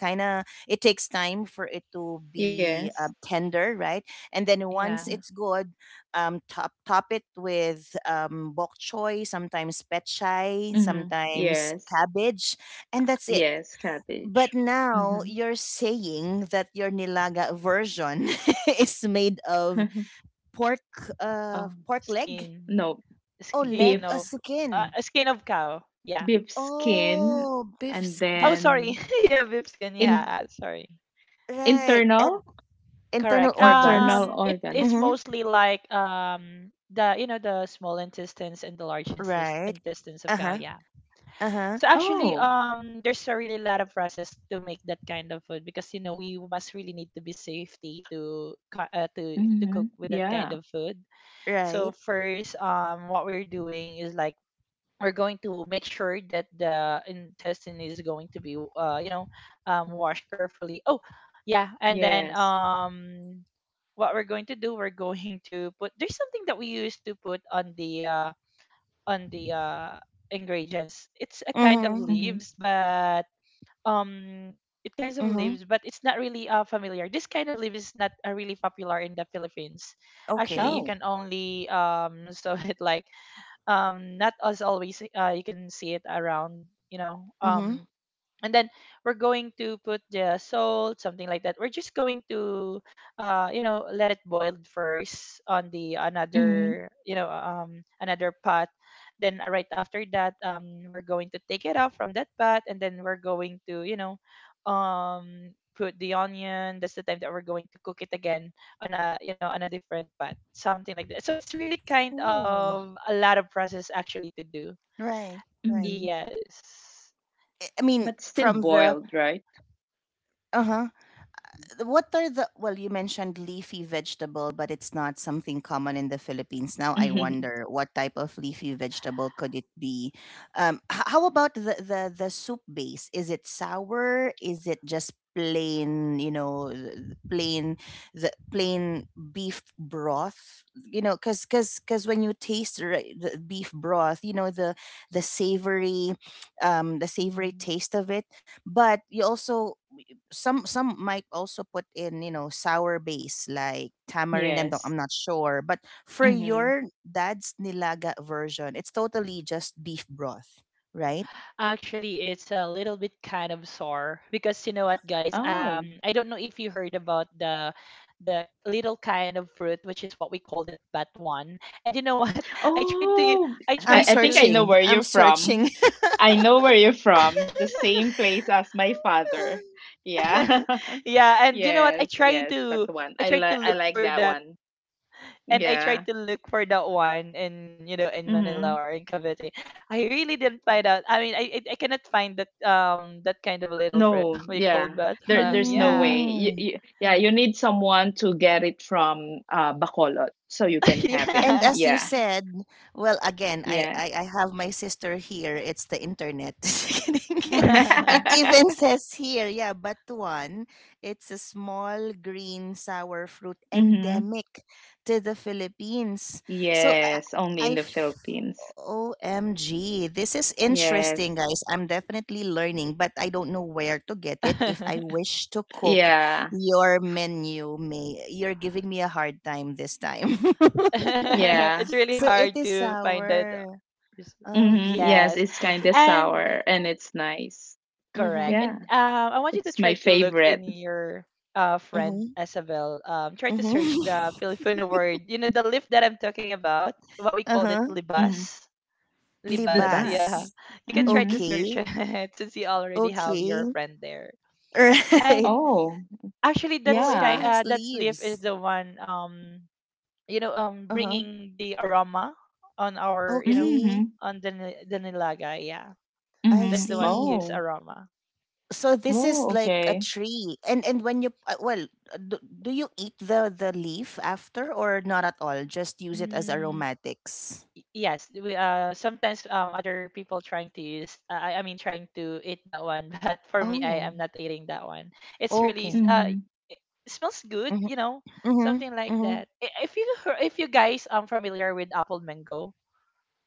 [SPEAKER 1] kind of, it takes time for it to be,
[SPEAKER 2] Yes.
[SPEAKER 1] tender, right? And then
[SPEAKER 3] Yeah.
[SPEAKER 1] once
[SPEAKER 2] Yeah.
[SPEAKER 1] it's good, top it with, bok choy, sometimes pet chai,
[SPEAKER 2] Mhm.
[SPEAKER 1] sometimes
[SPEAKER 2] Yes.
[SPEAKER 1] cabbage, and that's it.
[SPEAKER 2] Yes, cabbage.
[SPEAKER 1] But now
[SPEAKER 2] Mhm.
[SPEAKER 1] you're saying that your nilaga version <laughs> is made of
[SPEAKER 2] <laughs>
[SPEAKER 1] pork,
[SPEAKER 2] Um,
[SPEAKER 1] pork leg.
[SPEAKER 3] Skin,
[SPEAKER 2] no,
[SPEAKER 1] Oh,
[SPEAKER 2] beef,
[SPEAKER 3] skin
[SPEAKER 1] leg or
[SPEAKER 3] of,
[SPEAKER 1] skin.
[SPEAKER 3] skin of cow. Yeah.
[SPEAKER 2] beef skin,
[SPEAKER 1] Oh, beef,
[SPEAKER 2] and
[SPEAKER 3] Oh,
[SPEAKER 1] beef.
[SPEAKER 3] sorry.
[SPEAKER 2] then
[SPEAKER 3] <laughs> Yeah, beef skin.
[SPEAKER 2] in
[SPEAKER 3] Yeah, sorry.
[SPEAKER 1] Right.
[SPEAKER 2] internal
[SPEAKER 1] And internal
[SPEAKER 3] Correct.
[SPEAKER 1] organs.
[SPEAKER 2] internal
[SPEAKER 3] It is
[SPEAKER 2] organs.
[SPEAKER 1] Mm-hmm.
[SPEAKER 3] mostly like the you know the small intestines and the large
[SPEAKER 1] Right.
[SPEAKER 3] intestines of cow.
[SPEAKER 1] Uh-huh.
[SPEAKER 3] Yeah.
[SPEAKER 1] Uh-huh.
[SPEAKER 3] So actually,
[SPEAKER 2] Oh.
[SPEAKER 3] there's a really lot of process to make that kind of food, because you know we must really need to be safety to to
[SPEAKER 2] Mm-hmm.
[SPEAKER 3] cook with that kind
[SPEAKER 2] Yeah.
[SPEAKER 3] of food. So
[SPEAKER 1] Right.
[SPEAKER 3] first, what we're doing is like we're going to make sure that the intestine is going to be you know washed carefully. Oh yeah. And then
[SPEAKER 2] Yes.
[SPEAKER 3] what we're going to do, we're going to put, there's something that we used to put on the on the uh ingredients. It's a kind of
[SPEAKER 1] Mm-hmm.
[SPEAKER 2] Mm-hmm.
[SPEAKER 3] leaves, but um it kinds of
[SPEAKER 1] Mm-hmm.
[SPEAKER 3] leaves, but it's not really familiar, this kind of leaf is not really popular in the philippines. Actually
[SPEAKER 1] Okay.
[SPEAKER 3] you
[SPEAKER 2] Oh.
[SPEAKER 3] can only <laughs> so it like not as always, you can see it around, you know,
[SPEAKER 1] Mm-hmm.
[SPEAKER 3] and then we're going to put the salt, something like that. We're just going to you know let it boil first on the
[SPEAKER 2] Mm-hmm.
[SPEAKER 3] another, you know, another pot. Then right after that we're going to take it out from that pot, and then we're going to, you know, put the onion, that's the time that we're going to cook it again on a, you know, on a different pot, something like that. So it's really kind
[SPEAKER 1] Oh,
[SPEAKER 3] of a lot of process actually to do.
[SPEAKER 1] right. Right.
[SPEAKER 2] Mm-hmm.
[SPEAKER 3] Yes.
[SPEAKER 1] I mean,
[SPEAKER 2] But still
[SPEAKER 1] from the
[SPEAKER 2] boiled, right? <laughs>
[SPEAKER 1] uh-huh. What are the, well, you mentioned leafy vegetable, but it's not something common in the Philippines. Now I
[SPEAKER 2] Mm-hmm.
[SPEAKER 1] wonder what type of leafy vegetable could it be. How about the soup base? Is it sour? Is it just plain, you know, plain, the plain beef broth? You know, because when you taste the beef broth, you know the savory, um, the savory
[SPEAKER 3] Mm.
[SPEAKER 1] taste of it. But you also, some might also put in, you know, sour base like tamarind. I'm
[SPEAKER 2] Yes.
[SPEAKER 1] not sure, but for
[SPEAKER 2] Mm-hmm.
[SPEAKER 1] your dad's nilaga version, it's totally just beef broth, right?
[SPEAKER 3] Actually, it's a little bit kind of sore because you know what, guys?
[SPEAKER 2] Oh.
[SPEAKER 3] I don't know if you heard about the little kind of fruit, which is what we called it batuan. And you know what? <laughs> I tried to,
[SPEAKER 2] Oh,
[SPEAKER 3] I
[SPEAKER 1] i'm
[SPEAKER 2] I,
[SPEAKER 3] tried
[SPEAKER 2] I think I
[SPEAKER 3] to,
[SPEAKER 2] know
[SPEAKER 1] searching
[SPEAKER 2] where
[SPEAKER 1] i'm
[SPEAKER 2] you're from.
[SPEAKER 1] searching <laughs>
[SPEAKER 2] I know where you're from. The same
[SPEAKER 3] <laughs>
[SPEAKER 2] place as my father. Yeah. <laughs>
[SPEAKER 3] yeah. And you know what?
[SPEAKER 2] Yes, yes, but the one.
[SPEAKER 3] I tried to
[SPEAKER 2] I
[SPEAKER 3] look
[SPEAKER 2] like
[SPEAKER 3] for
[SPEAKER 2] that
[SPEAKER 3] that,
[SPEAKER 2] one.
[SPEAKER 3] and I
[SPEAKER 2] Yeah.
[SPEAKER 3] tried to look for that one in in
[SPEAKER 2] Mm-hmm.
[SPEAKER 3] Manila or in Cavite. I really didn't find out. I cannot find that that kind of little fruit.
[SPEAKER 2] No,
[SPEAKER 3] <laughs> We called
[SPEAKER 2] yeah.
[SPEAKER 3] batuan.
[SPEAKER 2] There's no
[SPEAKER 3] Yeah.
[SPEAKER 2] way.
[SPEAKER 1] Mm.
[SPEAKER 2] Yeah, you need someone to get it from Bacolod so you can
[SPEAKER 3] <laughs>
[SPEAKER 2] have it.
[SPEAKER 1] And
[SPEAKER 3] Yeah.
[SPEAKER 1] as you
[SPEAKER 2] Yeah.
[SPEAKER 1] said, well, again,
[SPEAKER 2] Yeah.
[SPEAKER 1] I have my sister here. It's the internet. <laughs> It
[SPEAKER 3] <laughs>
[SPEAKER 1] even
[SPEAKER 2] <laughs>
[SPEAKER 1] says here, yeah, batuan. It's a small green sour fruit
[SPEAKER 2] Mm-hmm.
[SPEAKER 1] endemic to the Philippines. So
[SPEAKER 2] Yes, only in the Philippines.
[SPEAKER 1] OMG, this is interesting,
[SPEAKER 2] Yes.
[SPEAKER 1] guys. I'm definitely learning, but I don't know where to get it. If I wish to cook
[SPEAKER 2] Yeah.
[SPEAKER 1] your menu, May, you're giving me a hard time this time. <laughs>
[SPEAKER 2] Yeah.
[SPEAKER 3] It's really
[SPEAKER 1] So it
[SPEAKER 3] hard
[SPEAKER 1] is
[SPEAKER 3] to find that.
[SPEAKER 1] sour.
[SPEAKER 3] Res-
[SPEAKER 2] Mm-hmm. Yes,
[SPEAKER 1] Okay.
[SPEAKER 3] Yes.
[SPEAKER 2] it's kind
[SPEAKER 1] Okay.
[SPEAKER 2] of sour
[SPEAKER 3] And
[SPEAKER 2] and it's nice.
[SPEAKER 3] correct.
[SPEAKER 1] Mm-hmm.
[SPEAKER 2] Yeah,
[SPEAKER 3] And I want you to
[SPEAKER 2] it's my
[SPEAKER 3] try to look
[SPEAKER 2] favorite.
[SPEAKER 3] in your friend
[SPEAKER 1] Mm-hmm.
[SPEAKER 3] Isabel. Try to search the
[SPEAKER 1] Mm-hmm.
[SPEAKER 3] Filipino word. You know, the lift that I'm talking about, what we
[SPEAKER 1] <laughs>
[SPEAKER 3] called it,
[SPEAKER 1] uh-huh.
[SPEAKER 2] Mm-hmm.
[SPEAKER 3] libas. Libas, yeah.
[SPEAKER 2] Libas.
[SPEAKER 1] Libas.
[SPEAKER 3] You can try to
[SPEAKER 2] Mm-hmm.
[SPEAKER 3] search <laughs>
[SPEAKER 1] Okay.
[SPEAKER 3] it since you already
[SPEAKER 2] So,
[SPEAKER 3] have your
[SPEAKER 1] Okay. <laughs>
[SPEAKER 3] friend there.
[SPEAKER 1] Right.
[SPEAKER 3] And
[SPEAKER 2] oh,
[SPEAKER 3] actually,
[SPEAKER 1] Oh, it
[SPEAKER 2] yeah.
[SPEAKER 1] has
[SPEAKER 3] that leaf is
[SPEAKER 1] leaves.
[SPEAKER 3] the one. You know
[SPEAKER 1] Uh-huh.
[SPEAKER 3] bringing the aroma on our
[SPEAKER 1] Okay.
[SPEAKER 2] Mm-hmm.
[SPEAKER 3] on the nilaga, yeah,
[SPEAKER 1] I
[SPEAKER 3] that's
[SPEAKER 2] Mhm.
[SPEAKER 3] the one
[SPEAKER 1] see.
[SPEAKER 3] gives
[SPEAKER 2] Oh.
[SPEAKER 3] aroma.
[SPEAKER 1] So this
[SPEAKER 2] Oh,
[SPEAKER 1] is like a
[SPEAKER 2] okay.
[SPEAKER 1] tree. And when you, well, do, do you eat the leaf after or not at all? Just use it as
[SPEAKER 3] mm,
[SPEAKER 1] aromatics.
[SPEAKER 3] yes, we sometimes other people trying to use trying to eat that one. <laughs> But for me, I
[SPEAKER 1] Oh.
[SPEAKER 3] am not eating that one. it's really s-
[SPEAKER 1] Okay.
[SPEAKER 3] uh
[SPEAKER 2] Mhm.
[SPEAKER 3] it smells good,
[SPEAKER 1] Mm-hmm.
[SPEAKER 3] you know,
[SPEAKER 1] Mm-hmm.
[SPEAKER 3] something like
[SPEAKER 1] Mm-hmm.
[SPEAKER 3] that. If you guys familiar with apple mango,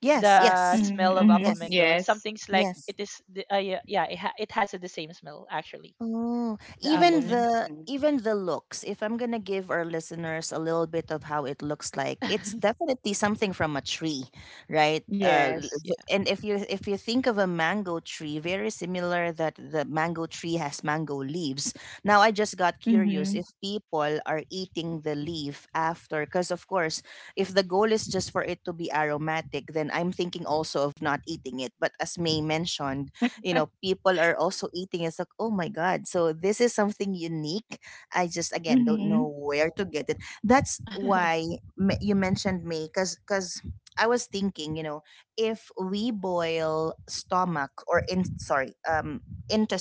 [SPEAKER 1] Yes,
[SPEAKER 3] the
[SPEAKER 1] yes.
[SPEAKER 2] Mhm,
[SPEAKER 3] smell of apple
[SPEAKER 2] mhm.
[SPEAKER 1] Yes.
[SPEAKER 3] mango
[SPEAKER 2] Yes.
[SPEAKER 3] something's like
[SPEAKER 1] Yes.
[SPEAKER 3] it is the- yeah, it has the same smell actually.
[SPEAKER 1] Oh,
[SPEAKER 3] The apple
[SPEAKER 2] Mhm.
[SPEAKER 3] mango.
[SPEAKER 1] even the looks. If I'm gonna give our listeners a little bit of how it looks like, it's
[SPEAKER 3] <laughs>
[SPEAKER 1] definitely something from a tree, right?
[SPEAKER 2] Yes.
[SPEAKER 3] Yeah.
[SPEAKER 1] And if you think of a mango tree, very similar that the mango tree has mango leaves. Now I just got
[SPEAKER 2] Mhm.
[SPEAKER 1] curious if people are eating the leaf after, because of course, if the goal is just for it to be aromatic, then I'm thinking also of not eating it. But as May mentioned, you know, people are also eating. It's like, oh my god, so this is something unique. I just again don't
[SPEAKER 2] Mhm.
[SPEAKER 1] know
[SPEAKER 2] <laughs>
[SPEAKER 1] where to get it. That's
[SPEAKER 3] <laughs>
[SPEAKER 1] why you mentioned me. Because I was thinking, you know, if we boil stomach, or in sorry, um,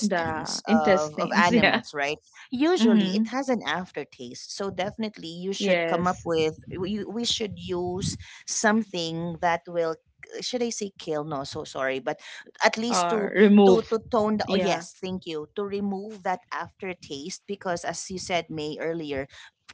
[SPEAKER 2] The
[SPEAKER 1] of
[SPEAKER 2] intestines, <laughs> yeah.
[SPEAKER 1] animals, right? Usually it
[SPEAKER 2] Mhm.
[SPEAKER 1] has an aftertaste, so definitely you should come up
[SPEAKER 2] Yes.
[SPEAKER 1] with, we should use something that will, should I say kill? No, so sorry, but at least to
[SPEAKER 2] Or
[SPEAKER 1] to
[SPEAKER 2] remove.
[SPEAKER 1] to tone the, oh
[SPEAKER 2] Yeah.
[SPEAKER 1] yes, thank you, to remove that aftertaste. Because as you said, May, earlier,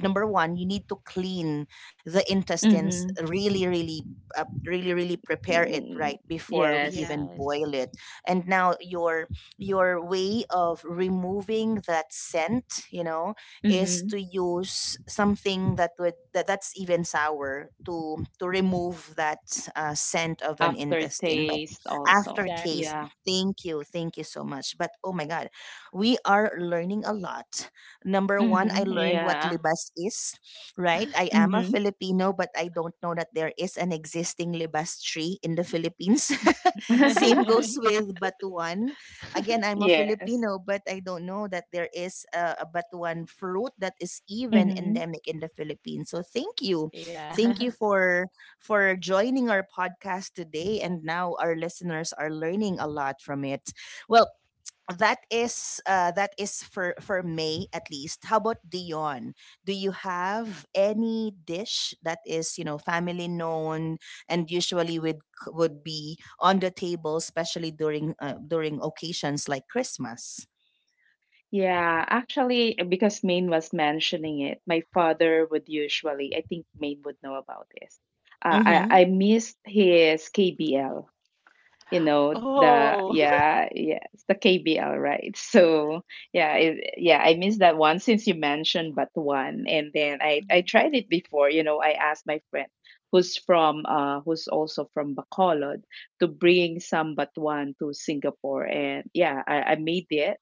[SPEAKER 1] number one, you need to clean the intestines,
[SPEAKER 2] Mhm.
[SPEAKER 1] really really, really really prepare it right
[SPEAKER 2] Mm,
[SPEAKER 1] before we
[SPEAKER 2] yes.
[SPEAKER 1] even boil
[SPEAKER 3] Yes.
[SPEAKER 1] it. And now your way of removing that scent, you know, is to
[SPEAKER 2] Mhm.
[SPEAKER 1] use something that would that's even sour to remove that, scent of an intestine, but
[SPEAKER 2] Aftertaste also.
[SPEAKER 1] aftertaste.
[SPEAKER 3] Exactly.
[SPEAKER 2] Yeah.
[SPEAKER 1] Thank you. Thank you so much. But oh my god, we are learning a lot. Number one, I
[SPEAKER 2] Mhm.
[SPEAKER 1] learned what
[SPEAKER 2] Yeah.
[SPEAKER 1] Libas is, right? I am a
[SPEAKER 2] Mhm.
[SPEAKER 1] Filipino, but I don't know that there is an existing Libas tree in the Philippines. <laughs> Same
[SPEAKER 3] <laughs>
[SPEAKER 1] goes
[SPEAKER 2] <laughs>
[SPEAKER 1] with Batuan. Again, I'm a
[SPEAKER 2] Yes.
[SPEAKER 1] Filipino, but I don't know that there is a Batuan fruit that is even
[SPEAKER 2] Mhm.
[SPEAKER 1] endemic in the Philippines. So thank you.
[SPEAKER 3] Yeah.
[SPEAKER 1] Thank you
[SPEAKER 3] <laughs>
[SPEAKER 1] for joining our podcast today. And now our listeners are learning a lot from it. Well, that is, that is for May at least. How about Dion? Do you have any dish that is, you know, family known and usually would be on the table, especially during, during occasions like Christmas?
[SPEAKER 2] Yeah, actually, because Maine was mentioning it, my father would usually, I think Maine would know about this. I,
[SPEAKER 1] Mm-hmm.
[SPEAKER 2] I missed his KBL, you know,
[SPEAKER 3] Oh. <laughs>
[SPEAKER 2] yeah, yeah, it's the KBL, right? <laughs> So, yeah, yeah, I missed that one since you mentioned but one. And then I
[SPEAKER 3] Mhm.
[SPEAKER 2] tried it before, you know, I asked my friend who's from, who's also from Bacolod to bring some but one to Singapore. And yeah, I made it,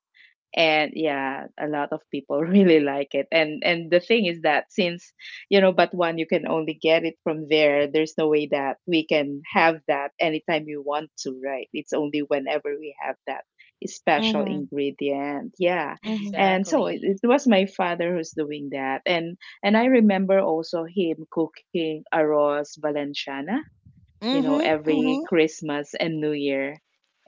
[SPEAKER 2] and yeah, a lot of people <laughs> really like it, and the thing is that, since you know, but one, you can only get it from there. There's no way that we can have that anytime you want to, right? It's only whenever we have that special
[SPEAKER 1] Mm-hmm.
[SPEAKER 2] ingredient, yeah.
[SPEAKER 1] Mm-hmm.
[SPEAKER 2] And so it,
[SPEAKER 3] Exactly.
[SPEAKER 2] it was my father who's doing that, and I remember also him cooking arroz valenciana, you know,
[SPEAKER 1] Mm-hmm.
[SPEAKER 2] every
[SPEAKER 1] Mm-hmm.
[SPEAKER 2] Christmas and New Year.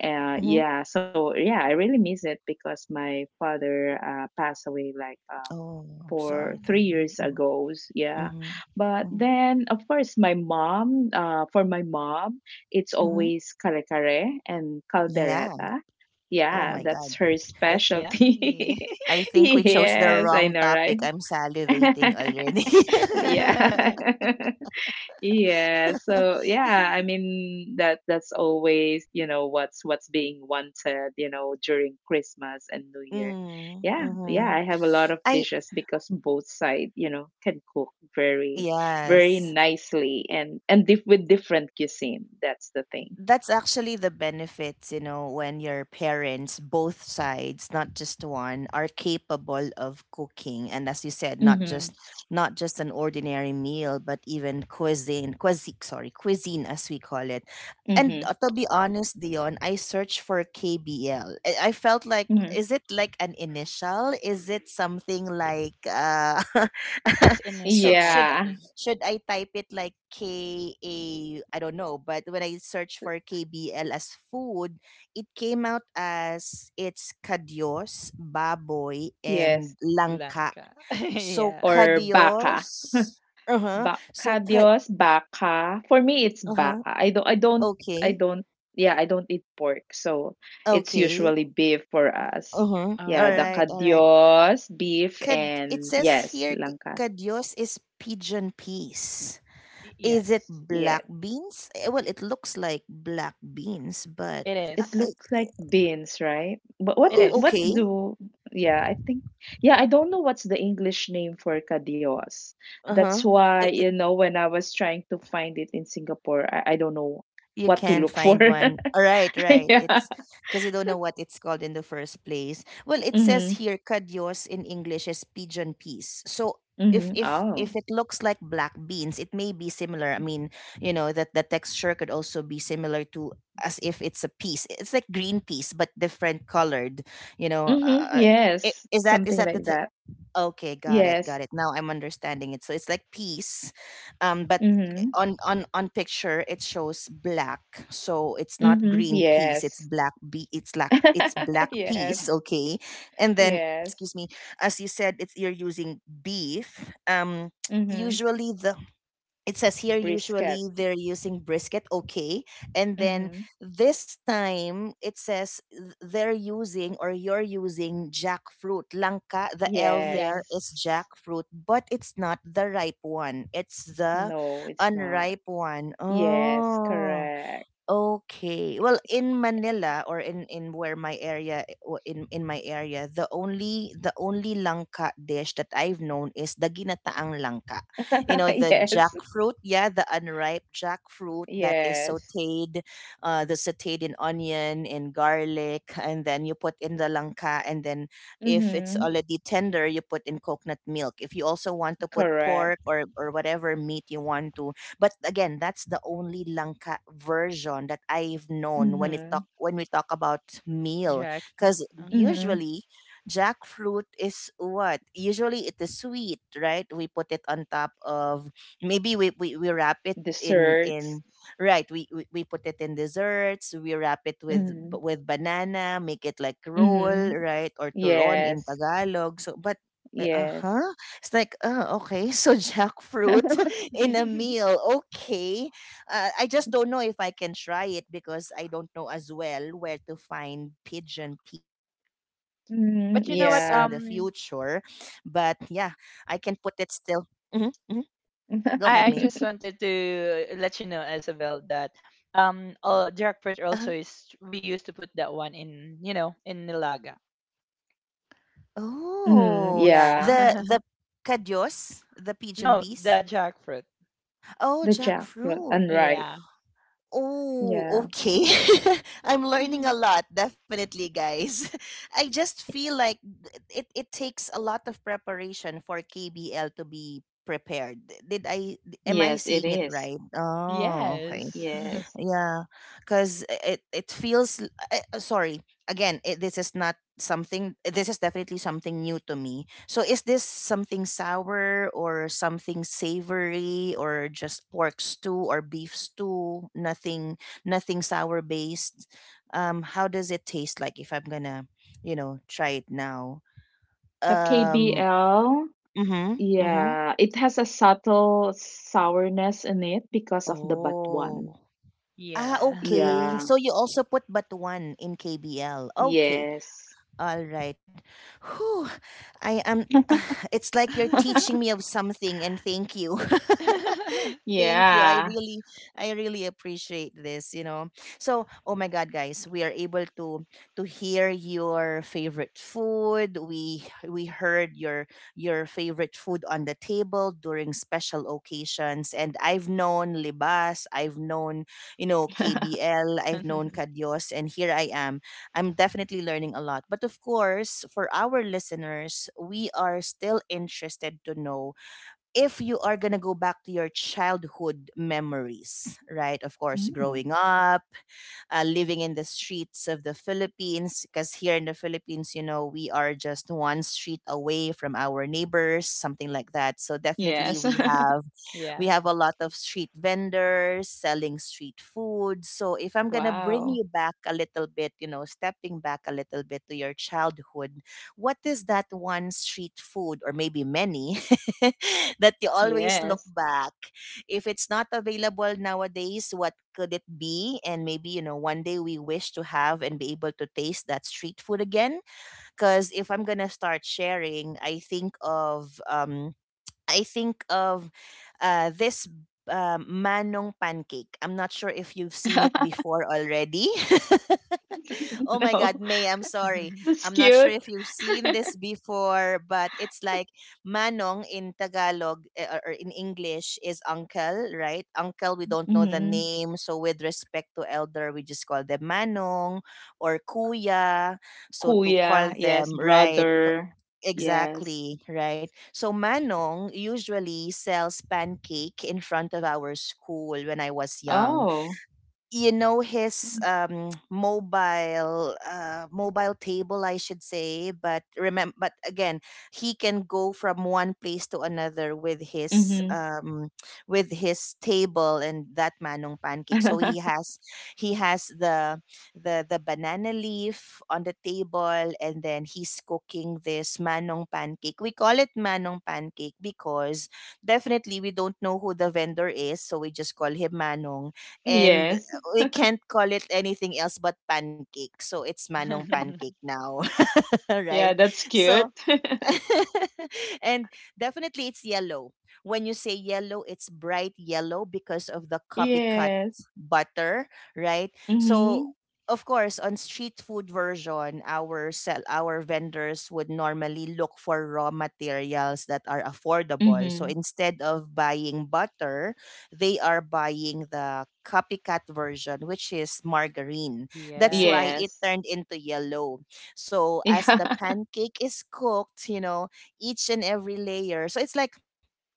[SPEAKER 1] Mm-hmm.
[SPEAKER 2] Yeah, I really miss it because my father passed away like
[SPEAKER 1] Oh, I'm
[SPEAKER 2] 4,
[SPEAKER 1] sorry,
[SPEAKER 3] Oh,
[SPEAKER 2] three
[SPEAKER 1] Dean.
[SPEAKER 2] years ago.
[SPEAKER 1] Mm-hmm.
[SPEAKER 2] Yeah,
[SPEAKER 1] Mm-hmm.
[SPEAKER 2] but
[SPEAKER 1] Mm-hmm,
[SPEAKER 2] then of course my mom, for my mom, it's
[SPEAKER 1] mm-hmm.
[SPEAKER 2] always kare kare and
[SPEAKER 1] Yeah. Yeah.
[SPEAKER 2] caldereta.
[SPEAKER 1] Oh
[SPEAKER 2] Yeah,
[SPEAKER 1] my god.
[SPEAKER 2] that's her
[SPEAKER 3] that's yummy.
[SPEAKER 2] specialty.
[SPEAKER 1] I
[SPEAKER 2] <laughs>
[SPEAKER 1] think we chose the
[SPEAKER 2] Yes, I
[SPEAKER 1] wrong
[SPEAKER 2] know,
[SPEAKER 1] topic.
[SPEAKER 2] right?
[SPEAKER 1] I'm salivating already.
[SPEAKER 2] <laughs> Yeah.
[SPEAKER 3] <laughs>
[SPEAKER 2] <laughs> Yeah, so yeah, I mean that's always, you know, what's being wanted, you know, during Christmas and New
[SPEAKER 1] <laughs>
[SPEAKER 2] Year.
[SPEAKER 1] Mm,
[SPEAKER 2] Yeah,
[SPEAKER 1] mm-hmm.
[SPEAKER 2] yeah, I have a lot of
[SPEAKER 1] I
[SPEAKER 2] dishes because both side, you know, can cook very
[SPEAKER 1] yes.
[SPEAKER 2] nicely and and with different cuisine. That's the thing.
[SPEAKER 1] That's actually the benefits, you know, when your parents, both sides, not just one, are capable of cooking. And as you said, not
[SPEAKER 2] Mhm.
[SPEAKER 1] just an ordinary meal, but even cuisine, cuisine, sorry, cuisine, as we call it. And
[SPEAKER 2] Mhm.
[SPEAKER 1] to be honest, Dion, I searched for KBL. I felt like,
[SPEAKER 2] Mhm.
[SPEAKER 1] is it like an initial? Is it something like, <laughs>
[SPEAKER 3] It's initial
[SPEAKER 1] should should
[SPEAKER 2] Yeah.
[SPEAKER 3] actually.
[SPEAKER 1] should I type it like K A I don't know, but when I search for KBL as food, it came out as it's kadios, baboy,
[SPEAKER 2] Yes.
[SPEAKER 1] and langka.
[SPEAKER 3] Blanca. <laughs>
[SPEAKER 1] So
[SPEAKER 3] Yeah.
[SPEAKER 2] Or baka.
[SPEAKER 1] kadios, uh huh. So
[SPEAKER 2] Baka
[SPEAKER 1] kad,
[SPEAKER 2] Diyos, baka. For me, it's
[SPEAKER 1] uh huh.
[SPEAKER 2] baka. I don't, I don't, I
[SPEAKER 1] Okay,
[SPEAKER 2] don't, Yeah, I don't eat pork. So it's
[SPEAKER 1] okay,
[SPEAKER 2] usually beef for us.
[SPEAKER 1] uh huh. All
[SPEAKER 2] Yeah, the
[SPEAKER 3] Oh.
[SPEAKER 1] right, all right.
[SPEAKER 2] kadios, beef,
[SPEAKER 1] Kad, it
[SPEAKER 2] and
[SPEAKER 1] says
[SPEAKER 2] yes,
[SPEAKER 1] here
[SPEAKER 2] langka.
[SPEAKER 1] kadios is pigeon peas. Is it
[SPEAKER 3] Yes.
[SPEAKER 1] black
[SPEAKER 2] Yes.
[SPEAKER 1] beans? Eh, well, it looks like black beans, but
[SPEAKER 3] It
[SPEAKER 1] uh,
[SPEAKER 2] It
[SPEAKER 3] is.
[SPEAKER 2] looks like beans, right? But what do you,
[SPEAKER 3] It
[SPEAKER 1] O
[SPEAKER 2] what
[SPEAKER 3] is.
[SPEAKER 1] okay.
[SPEAKER 2] do, Yeah, I think, yeah, I don't know what's the English name for kadios. That's
[SPEAKER 1] Uh-huh.
[SPEAKER 2] why, you know, when I was trying to find it in Singapore, I don't know
[SPEAKER 1] You
[SPEAKER 2] what to
[SPEAKER 1] can't
[SPEAKER 2] look for.
[SPEAKER 1] find one. All right,
[SPEAKER 2] <laughs>
[SPEAKER 1] right.
[SPEAKER 2] Yeah.
[SPEAKER 1] It's because you don't know what it's called in the first place. Well, it
[SPEAKER 2] Mm-hmm.
[SPEAKER 1] says here "cadios" in English is pigeon peas. So
[SPEAKER 2] Mhm. Oh.
[SPEAKER 1] if it looks like black beans, it may be similar. I mean, you know, that the texture could also be similar to, as if it's a piece. It's like green peas but different colored, you know.
[SPEAKER 2] Mhm. Yes.
[SPEAKER 1] Is
[SPEAKER 2] Something
[SPEAKER 1] that the
[SPEAKER 2] like that.
[SPEAKER 1] okay, got it,
[SPEAKER 2] Yes.
[SPEAKER 1] got it. Now I'm understanding it. So it's like peas, but
[SPEAKER 2] Mhm.
[SPEAKER 1] on picture it shows black. So it's not
[SPEAKER 2] Mhm.
[SPEAKER 1] green peas. It's
[SPEAKER 2] Yes.
[SPEAKER 1] black be it's black. It's
[SPEAKER 2] <laughs>
[SPEAKER 1] black
[SPEAKER 2] Yes.
[SPEAKER 1] peas. Okay, and then
[SPEAKER 2] Yes.
[SPEAKER 1] excuse me, as you said, it's, you're using beef. <tsk>
[SPEAKER 2] Mhm.
[SPEAKER 1] Usually the, it says here
[SPEAKER 2] Brisket.
[SPEAKER 1] usually they're using brisket. Okay, and then
[SPEAKER 2] Mhm.
[SPEAKER 1] this time it says they're using, or you're using jackfruit, lanka. The l there
[SPEAKER 2] Yes.
[SPEAKER 1] is
[SPEAKER 3] Yes.
[SPEAKER 1] jackfruit, but it's not the ripe one, it's the
[SPEAKER 2] No, it's not.
[SPEAKER 1] unripe one.
[SPEAKER 2] Yes,
[SPEAKER 1] Oh.
[SPEAKER 2] correct.
[SPEAKER 1] Okay. Well, in Manila or in where my area, in my area, the only langka dish that I've known is the ginataang langka. You
[SPEAKER 2] <laughs>
[SPEAKER 1] know, the
[SPEAKER 2] Yes.
[SPEAKER 1] jackfruit, yeah, the unripe jackfruit that is
[SPEAKER 2] Yes.
[SPEAKER 1] sautéed, uh, the sautéed in onion and garlic, and then you put in the langka, and then if it's
[SPEAKER 2] Mhm.
[SPEAKER 1] already tender, you put in coconut milk. If you also want to put
[SPEAKER 2] Correct.
[SPEAKER 1] pork or whatever meat you want to, but again, that's the only Langka version that I've known when it talk
[SPEAKER 2] Mhm.
[SPEAKER 1] when we talk about meal.
[SPEAKER 3] Jack.
[SPEAKER 1] Because
[SPEAKER 3] Um.
[SPEAKER 2] Mhm.
[SPEAKER 1] usually jackfruit is what? Usually it is sweet, right? We put it on top of maybe we wrap it in
[SPEAKER 2] Desserts.
[SPEAKER 1] in right, we put it in desserts. We wrap it with
[SPEAKER 2] Mhm.
[SPEAKER 1] banana, make it like roll,
[SPEAKER 2] Mhm.
[SPEAKER 1] right? Or turon in
[SPEAKER 2] Yes.
[SPEAKER 1] Tagalog. So but uh,
[SPEAKER 2] Yes.
[SPEAKER 1] huh it's like, oh, okay, so jackfruit
[SPEAKER 2] <laughs>
[SPEAKER 1] <laughs> in a
[SPEAKER 3] <laughs>
[SPEAKER 1] meal. Okay. I just don't know if I can try it because I don't know as well where to find pigeon peas in the future.
[SPEAKER 2] Mhm.
[SPEAKER 3] But you know what?
[SPEAKER 2] Yeah.
[SPEAKER 1] But yeah,
[SPEAKER 3] Um,
[SPEAKER 1] I can put it still. Mm-hmm, mm-hmm. Go ahead, May.
[SPEAKER 2] <laughs>
[SPEAKER 3] I just wanted to let you know, Isabel, that all
[SPEAKER 1] Uh,
[SPEAKER 3] jackfruit also is we used to put that one in in nilaga.
[SPEAKER 2] Mm,
[SPEAKER 1] oh,
[SPEAKER 3] Yeah.
[SPEAKER 2] yeah,
[SPEAKER 1] the,
[SPEAKER 3] <laughs>
[SPEAKER 1] the cadyos, the pigeon
[SPEAKER 3] No,
[SPEAKER 1] peas.
[SPEAKER 3] the jackfruit.
[SPEAKER 1] Oh,
[SPEAKER 2] the jackfruit
[SPEAKER 1] jackfruit.
[SPEAKER 2] unripe.
[SPEAKER 3] Yeah.
[SPEAKER 1] Oh,
[SPEAKER 2] Yeah.
[SPEAKER 1] okay. <laughs> I'm learning a
[SPEAKER 3] <laughs>
[SPEAKER 1] lot, definitely, guys. <laughs> I just feel like it takes a lot of preparation for KBL to be prepared. Did I am I
[SPEAKER 2] Yes, it
[SPEAKER 1] seeing it
[SPEAKER 2] is.
[SPEAKER 1] right? Oh, okay.
[SPEAKER 3] Yes.
[SPEAKER 2] Yes.
[SPEAKER 3] <laughs>
[SPEAKER 1] Yeah, because it feels sorry again. This is not something. This is definitely something new to me. So is this something sour or something savory or just pork stew or beef stew? Nothing sour based. How does it taste like if you know, try it now?
[SPEAKER 2] The
[SPEAKER 1] Um.
[SPEAKER 2] KBL,
[SPEAKER 1] Mhm. Mhm.
[SPEAKER 2] yeah, it has a subtle sourness in it because of the batuan.
[SPEAKER 1] Oh. Ah,
[SPEAKER 3] Yeah.
[SPEAKER 1] okay.
[SPEAKER 2] Yeah,
[SPEAKER 1] So you also put batuan in KBL. Okay.
[SPEAKER 2] yes.
[SPEAKER 1] All right. Whew. I am. <sighs> It's like you're teaching me
[SPEAKER 3] <laughs>
[SPEAKER 2] <laughs>
[SPEAKER 1] of something, and thank you. <laughs>
[SPEAKER 3] <laughs>
[SPEAKER 1] Thank you.
[SPEAKER 2] Yeah.
[SPEAKER 1] I really appreciate this. You know. So, oh my God, guys, we are able to hear your favorite food. We heard your favorite food on the table during special occasions, and I've known Libas, I've known, you know,
[SPEAKER 2] <laughs>
[SPEAKER 1] KBL, I've known Kadios, and here I am, I'm definitely learning a lot. But of course, for our listeners, we are still interested to know if you are going to go back to your childhood memories, right? Of course,
[SPEAKER 2] Mm,
[SPEAKER 1] growing up, living in the streets of the Philippines, because here in the Philippines, you know, we are just one street away from our neighbors, something like that. So definitely
[SPEAKER 2] yes.
[SPEAKER 1] we have,
[SPEAKER 2] <laughs>
[SPEAKER 1] we
[SPEAKER 3] Yeah.
[SPEAKER 1] have a lot of street vendors selling street food. So if I'm going to bring
[SPEAKER 2] Wow.
[SPEAKER 1] you back a little bit, you know, stepping back a little bit to your childhood, what is that one street food or maybe many <laughs> that you always look
[SPEAKER 2] Yes.
[SPEAKER 1] back. If it's not available nowadays, what could it be? And maybe, you know, one day we wish to have and be able to taste that street food again. Because if I'm going to start sharing, I think of this manong pancake. I'm not sure if you've seen it
[SPEAKER 2] <laughs>
[SPEAKER 1] before already. <laughs> Oh my God,
[SPEAKER 2] No,
[SPEAKER 1] May, I'm sorry.
[SPEAKER 2] that's
[SPEAKER 1] I'm not sure
[SPEAKER 2] cute.
[SPEAKER 1] if you've seen this before, but it's like manong in Tagalog or in English is uncle, right? Uncle, we don't know the
[SPEAKER 2] Hmm.
[SPEAKER 1] name. So with respect to elder, we just call them manong or kuya. So to call
[SPEAKER 2] Kuya, yes,
[SPEAKER 1] them, right?
[SPEAKER 2] brother. Yes.
[SPEAKER 1] Exactly, right? So Manong usually sells pancake in front of our school when I was young.
[SPEAKER 2] Oh.
[SPEAKER 1] You know, his
[SPEAKER 2] Mm.
[SPEAKER 1] mobile, mobile table, I should say. But remember, but again, he can go from one place to another
[SPEAKER 2] Mhm.
[SPEAKER 1] with his table, and that manong pancake. So he
[SPEAKER 2] <laughs>
[SPEAKER 1] has, he has the the banana leaf on the table, and then he's cooking this manong pancake. We call it manong pancake because definitely we don't know who the vendor is, so we just call him manong, and
[SPEAKER 2] Yes.
[SPEAKER 1] we can't call it anything else but pancake. So it's Manong pancake
[SPEAKER 3] <laughs>
[SPEAKER 1] now, <laughs> right?
[SPEAKER 2] Yeah, that's
[SPEAKER 1] So
[SPEAKER 2] cute. <laughs>
[SPEAKER 1] <laughs> and definitely it's yellow. When you say yellow, it's bright yellow because of the copycat
[SPEAKER 2] Yes.
[SPEAKER 1] butter, right? So
[SPEAKER 2] Mhm.
[SPEAKER 1] of course, on street food version, our sell our vendors would normally look for raw materials that are affordable. So
[SPEAKER 2] Mhm.
[SPEAKER 1] instead of buying butter, they are buying the copycat version, which is margarine. That's why
[SPEAKER 3] Yeah.
[SPEAKER 1] it
[SPEAKER 2] Yes.
[SPEAKER 1] turned into yellow so as
[SPEAKER 2] Yeah.
[SPEAKER 1] the pancake is cooked, you know, each and every layer. So it's like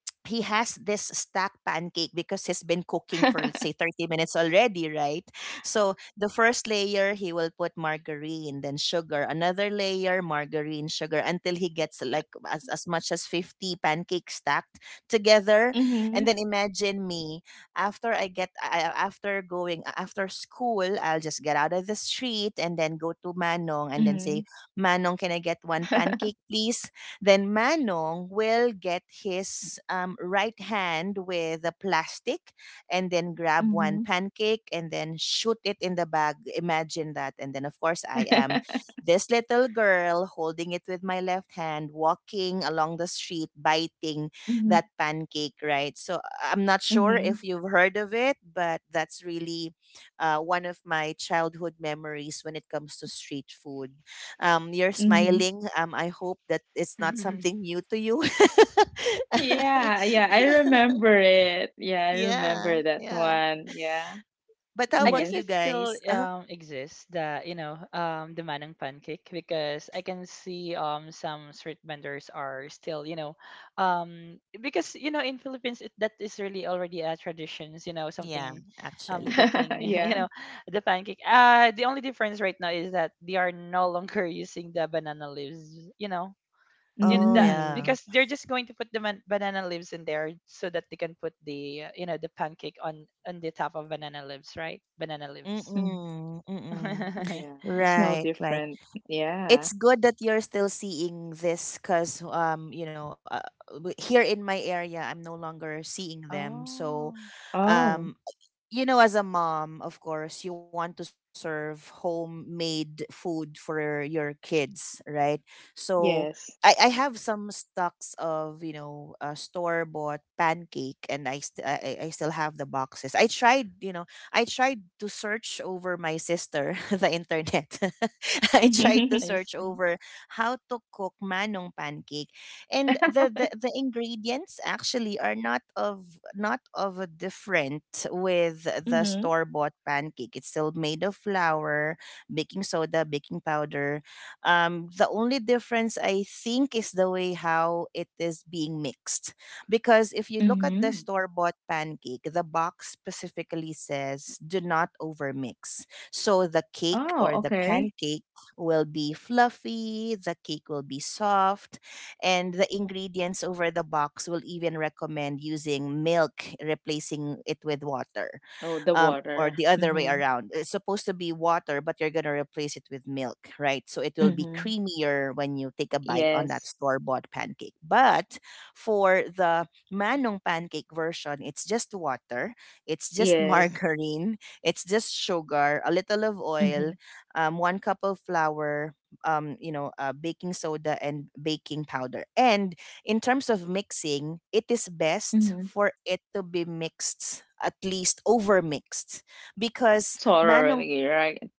[SPEAKER 1] he has this stacked pancake because he's been cooking for let's say
[SPEAKER 2] <laughs>
[SPEAKER 1] 30 minutes already, right? So the first layer he will put margarine then sugar, another layer margarine sugar, until he gets like as much as 50 pancakes stacked together.
[SPEAKER 2] Mhm.
[SPEAKER 1] And then imagine me, after I get after going after school, I'll just get out of the street and then go to manong
[SPEAKER 2] Mhm.
[SPEAKER 1] and then say, manong, can I get one pancake please? Then Manong will get his right hand with the plastic and then grab
[SPEAKER 2] Mhm.
[SPEAKER 1] one pancake and then shoot it in the bag. Imagine that. And then, of course, I am this little girl holding it with my left hand, walking along the street, biting
[SPEAKER 2] Mhm.
[SPEAKER 1] that pancake, right? So I'm not sure
[SPEAKER 2] Mhm.
[SPEAKER 1] if you've heard of it, but that's really one of my childhood memories when it comes to street food. You're
[SPEAKER 2] Mhm. <laughs> <laughs>
[SPEAKER 1] smiling. I hope that it's not something
[SPEAKER 3] <laughs>
[SPEAKER 1] new to you. <laughs>
[SPEAKER 2] Yeah, yeah, I remember it. Yeah, I
[SPEAKER 1] Yeah,
[SPEAKER 2] remember that
[SPEAKER 1] yeah.
[SPEAKER 2] one. Yeah.
[SPEAKER 1] But how
[SPEAKER 3] I
[SPEAKER 1] about
[SPEAKER 3] guess
[SPEAKER 2] Yes.
[SPEAKER 1] you
[SPEAKER 3] it still
[SPEAKER 1] guys? <laughs>
[SPEAKER 3] exists, the you know the manang pancake, because I can see some street vendors are still, you know, because you know in Philippines, it, that is really already a traditions, you know,
[SPEAKER 1] Yeah,
[SPEAKER 3] something
[SPEAKER 1] actually.
[SPEAKER 2] <laughs>
[SPEAKER 3] cooking <laughs> you
[SPEAKER 2] Yeah.
[SPEAKER 3] know the pancake. The only difference right now is that they are no longer <laughs> using the banana leaves, you know,
[SPEAKER 1] Oh
[SPEAKER 3] in the,
[SPEAKER 1] yeah.
[SPEAKER 2] Mm.
[SPEAKER 3] because they're just going to put banana leaves in there so that they can put the you know the pancake on the top of banana leaves, right? Banana leaves.
[SPEAKER 2] Mm.
[SPEAKER 1] Mm-mm, mm-mm.
[SPEAKER 2] Yeah,
[SPEAKER 3] <laughs>
[SPEAKER 2] it's no
[SPEAKER 1] Right, right.
[SPEAKER 2] different. Yeah.
[SPEAKER 1] It's good that you're still seeing this because, um, you know, here in my area I'm no longer seeing them. So,
[SPEAKER 3] Oh.
[SPEAKER 2] Oh,
[SPEAKER 1] um, you know, as a mom of course you want to serve homemade food for your kids, right? So
[SPEAKER 2] yes.
[SPEAKER 1] I have some stocks of, you know, store bought pancake and I still have the boxes. I tried, you know, I tried to search over my sister <laughs> the internet. <laughs> <laughs> I tried to
[SPEAKER 2] <laughs>
[SPEAKER 3] I
[SPEAKER 1] search
[SPEAKER 3] see.
[SPEAKER 1] over how to cook manong pancake, and the the ingredients actually are not of, not of a different with the
[SPEAKER 2] Mhm.
[SPEAKER 1] store bought pancake. It's still made of flour, baking soda, baking powder. The only difference I think is the way how it is being mixed, because if you look at the
[SPEAKER 2] Mhm.
[SPEAKER 1] store bought pancake, the box specifically says do not overmix so the cake
[SPEAKER 2] Oh,
[SPEAKER 1] or the
[SPEAKER 2] okay.
[SPEAKER 1] pancake will be fluffy, the cake will be soft, and the ingredients over the box will even recommend using milk, replacing it with water,
[SPEAKER 2] Oh, the
[SPEAKER 1] or
[SPEAKER 2] water.
[SPEAKER 1] the other way
[SPEAKER 2] Mhm.
[SPEAKER 1] around. It's supposed to be water, but you're gonna replace it with milk, right? So it will be
[SPEAKER 2] Mhm.
[SPEAKER 1] creamier when you take a bite on that
[SPEAKER 2] Yes.
[SPEAKER 1] store bought pancake. But for the manong pancake version, it's just water, it's just <laughs>
[SPEAKER 2] Yes.
[SPEAKER 1] margarine, it's just sugar, a little of
[SPEAKER 2] Mhm.
[SPEAKER 1] oil, one cup of flour, you know, baking soda and baking powder, and in terms of mixing, it is best
[SPEAKER 2] Mhm.
[SPEAKER 1] for it to be mixed, at least over mixed, because manong
[SPEAKER 2] Totally right.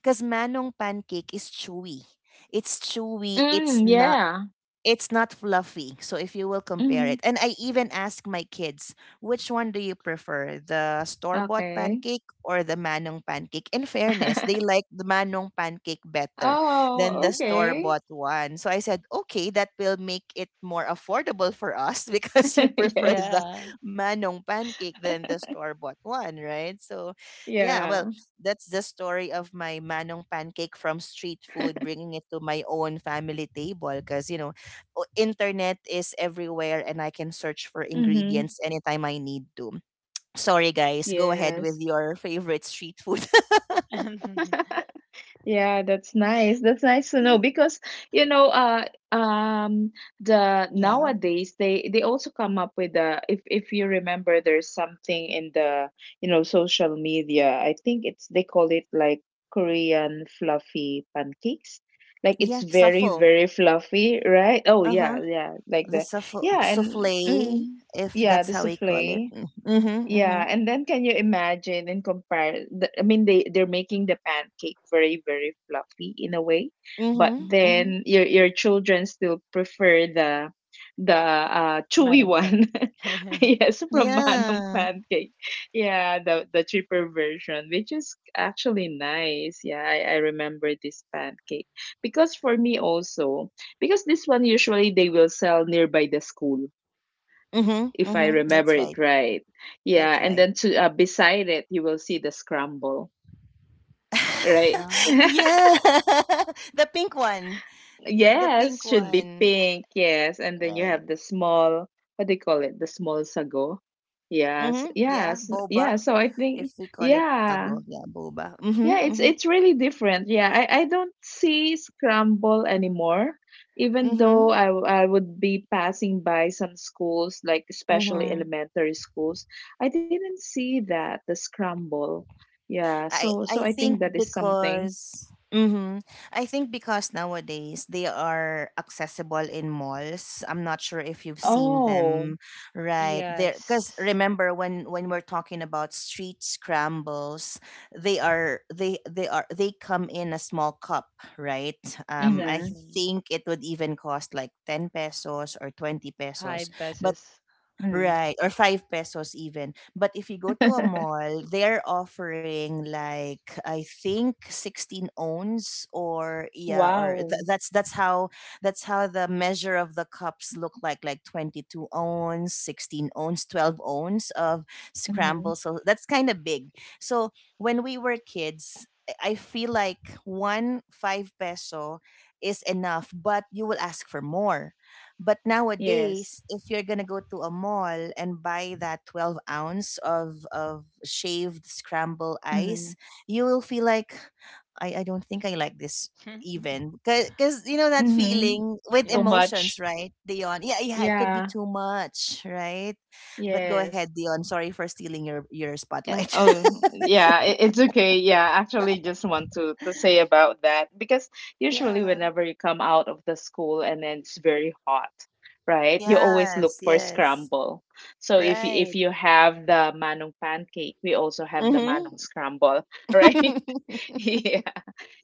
[SPEAKER 1] because manong pancake is chewy. It's chewy. It's
[SPEAKER 2] Mm,
[SPEAKER 1] not,
[SPEAKER 2] yeah.
[SPEAKER 1] it's not fluffy. So if you will compare
[SPEAKER 2] Mhm.
[SPEAKER 1] it, and I even ask my kids, which one do you prefer, the store bought
[SPEAKER 2] Okay.
[SPEAKER 1] pancake or the manong pancake? In fairness, they
[SPEAKER 2] <laughs>
[SPEAKER 1] like the manong pancake better than
[SPEAKER 2] Oh,
[SPEAKER 1] the store
[SPEAKER 3] Yeah,
[SPEAKER 2] okay.
[SPEAKER 1] bought one. So I said, okay, that will make it more affordable for us <laughs> because you
[SPEAKER 2] <laughs>
[SPEAKER 1] prefer the
[SPEAKER 2] Yes.
[SPEAKER 3] yeah.
[SPEAKER 1] manong pancake than the store bought one, right? So, yeah, well,
[SPEAKER 2] Yeah.
[SPEAKER 1] that's the story of my manong pancake from street food,
[SPEAKER 2] <laughs>
[SPEAKER 1] bringing it to my own family table because, you know, internet is everywhere and I can search for
[SPEAKER 2] Mhm.
[SPEAKER 1] ingredients anytime I need to. Sorry guys, go ahead with
[SPEAKER 2] Yes.
[SPEAKER 1] your favorite street food.
[SPEAKER 3] <laughs>
[SPEAKER 2] <laughs> Yeah, that's nice. That's nice to know
[SPEAKER 1] <laughs>
[SPEAKER 2] because you know, uh, um, the
[SPEAKER 1] Yeah.
[SPEAKER 2] nowadays they also come up with if you remember, there's something in the you know social media. I think it's they call it like Korean fluffy pancakes. Like
[SPEAKER 1] Yeah,
[SPEAKER 2] it's very
[SPEAKER 1] suffle.
[SPEAKER 2] very fluffy, right? Oh yeah,
[SPEAKER 1] Uh-huh.
[SPEAKER 2] yeah, like
[SPEAKER 1] The
[SPEAKER 2] the
[SPEAKER 1] suffle
[SPEAKER 2] yeah and
[SPEAKER 1] souffle, if
[SPEAKER 2] yeah
[SPEAKER 1] that's
[SPEAKER 2] the
[SPEAKER 1] how we call it.
[SPEAKER 2] souffle.
[SPEAKER 1] Mm- Mhm.
[SPEAKER 2] Yeah,
[SPEAKER 1] Mhm.
[SPEAKER 2] and then can you imagine and compare? I mean, they they're making the pancake very fluffy in a way,
[SPEAKER 1] Mhm.
[SPEAKER 2] but
[SPEAKER 1] Mhm.
[SPEAKER 2] then your children still prefer the chewy
[SPEAKER 3] Madam
[SPEAKER 2] one.
[SPEAKER 3] pancake.
[SPEAKER 2] <laughs>
[SPEAKER 3] <laughs>
[SPEAKER 2] Yes, from Manong
[SPEAKER 1] Yeah.
[SPEAKER 2] pancake. Yeah, the cheaper version, which is actually nice. Yeah, I remember this pancake because for me also because this one usually they will sell nearby the school
[SPEAKER 1] Mhm.
[SPEAKER 2] if I
[SPEAKER 1] Mhm.
[SPEAKER 2] remember
[SPEAKER 1] That's
[SPEAKER 2] it
[SPEAKER 1] right.
[SPEAKER 2] right. Yeah,
[SPEAKER 1] That's
[SPEAKER 2] and
[SPEAKER 1] right.
[SPEAKER 2] then to beside it, you will see the scramble, right?
[SPEAKER 1] <laughs>
[SPEAKER 3] Oh.
[SPEAKER 2] <laughs>
[SPEAKER 1] Yeah. <laughs> The pink one. The pink
[SPEAKER 2] Yes, should be
[SPEAKER 1] one.
[SPEAKER 2] pink. Yes, and then you
[SPEAKER 1] Right.
[SPEAKER 2] have the small. What do you call it? The small sago. Yes,
[SPEAKER 1] Mhm. Yeah,
[SPEAKER 2] yes,
[SPEAKER 1] boba.
[SPEAKER 2] yeah. So I think
[SPEAKER 1] If we call it
[SPEAKER 2] yeah.
[SPEAKER 1] tagonya boba. Mhm,
[SPEAKER 2] Yeah,
[SPEAKER 1] mhm,
[SPEAKER 2] it's really different. Yeah, I don't see scramble anymore, even though
[SPEAKER 1] mhm,
[SPEAKER 2] I would be passing by some schools, like especially
[SPEAKER 1] mhm.
[SPEAKER 2] elementary schools. I didn't see that, the scramble. Yeah, so
[SPEAKER 1] I
[SPEAKER 2] so I
[SPEAKER 1] I
[SPEAKER 2] think
[SPEAKER 1] think
[SPEAKER 2] that is something.
[SPEAKER 1] because mhm, I think because nowadays they are accessible in malls. I'm not sure if you've seen
[SPEAKER 2] Oh,
[SPEAKER 1] them, right? There, because
[SPEAKER 3] Yes,
[SPEAKER 1] remember when we're talking about street scrambles, they come in a small cup, right? I
[SPEAKER 2] mm-hmm,
[SPEAKER 3] exactly.
[SPEAKER 1] think it would even cost like 10 pesos or 20
[SPEAKER 3] High
[SPEAKER 1] pesos, but
[SPEAKER 3] besses.
[SPEAKER 2] mm.
[SPEAKER 1] right, or 5 pesos even. But if you go to a
[SPEAKER 2] <laughs>
[SPEAKER 1] mall, they're offering like I think 16 ounce or yeah, or
[SPEAKER 2] Wow.
[SPEAKER 1] that's that's how the measure of the cups look like 22 ounce, 16 ounce, 12 ounce of scramble.
[SPEAKER 2] Mm-hmm.
[SPEAKER 1] So that's kind of big. So when we were kids, I feel like one 5 peso is enough, but you will ask for more. But
[SPEAKER 2] Yes.
[SPEAKER 1] nowadays, if you're gonna go to a mall and buy that 12 ounce of shaved scramble
[SPEAKER 2] Mm-hmm.
[SPEAKER 1] ice, you will feel like, I don't think I like this
[SPEAKER 3] <laughs>
[SPEAKER 1] even. Because, you know, that
[SPEAKER 2] Mm-hmm.
[SPEAKER 1] feeling with
[SPEAKER 2] Too
[SPEAKER 3] Yeah.
[SPEAKER 1] emotions,
[SPEAKER 2] much.
[SPEAKER 1] right, Dion? Yeah, yeah, it could be
[SPEAKER 2] Yeah.
[SPEAKER 1] too much, right? But go ahead,
[SPEAKER 2] Yes.
[SPEAKER 1] Dion. Sorry for stealing your
[SPEAKER 2] Yeah,
[SPEAKER 1] spotlight.
[SPEAKER 2] oh,
[SPEAKER 1] <laughs>
[SPEAKER 2] yeah, it, it's okay. Yeah, actually just want to say about that because usually
[SPEAKER 1] Yeah.
[SPEAKER 2] whenever you come out of the school and then it's very hot, right? You always
[SPEAKER 1] Yes,
[SPEAKER 2] look for
[SPEAKER 1] yes.
[SPEAKER 2] scramble. So
[SPEAKER 1] Right.
[SPEAKER 2] if you have the manong pancake, we also have the manong
[SPEAKER 1] Mm-hmm.
[SPEAKER 2] scramble, <laughs> right? <laughs> Yeah,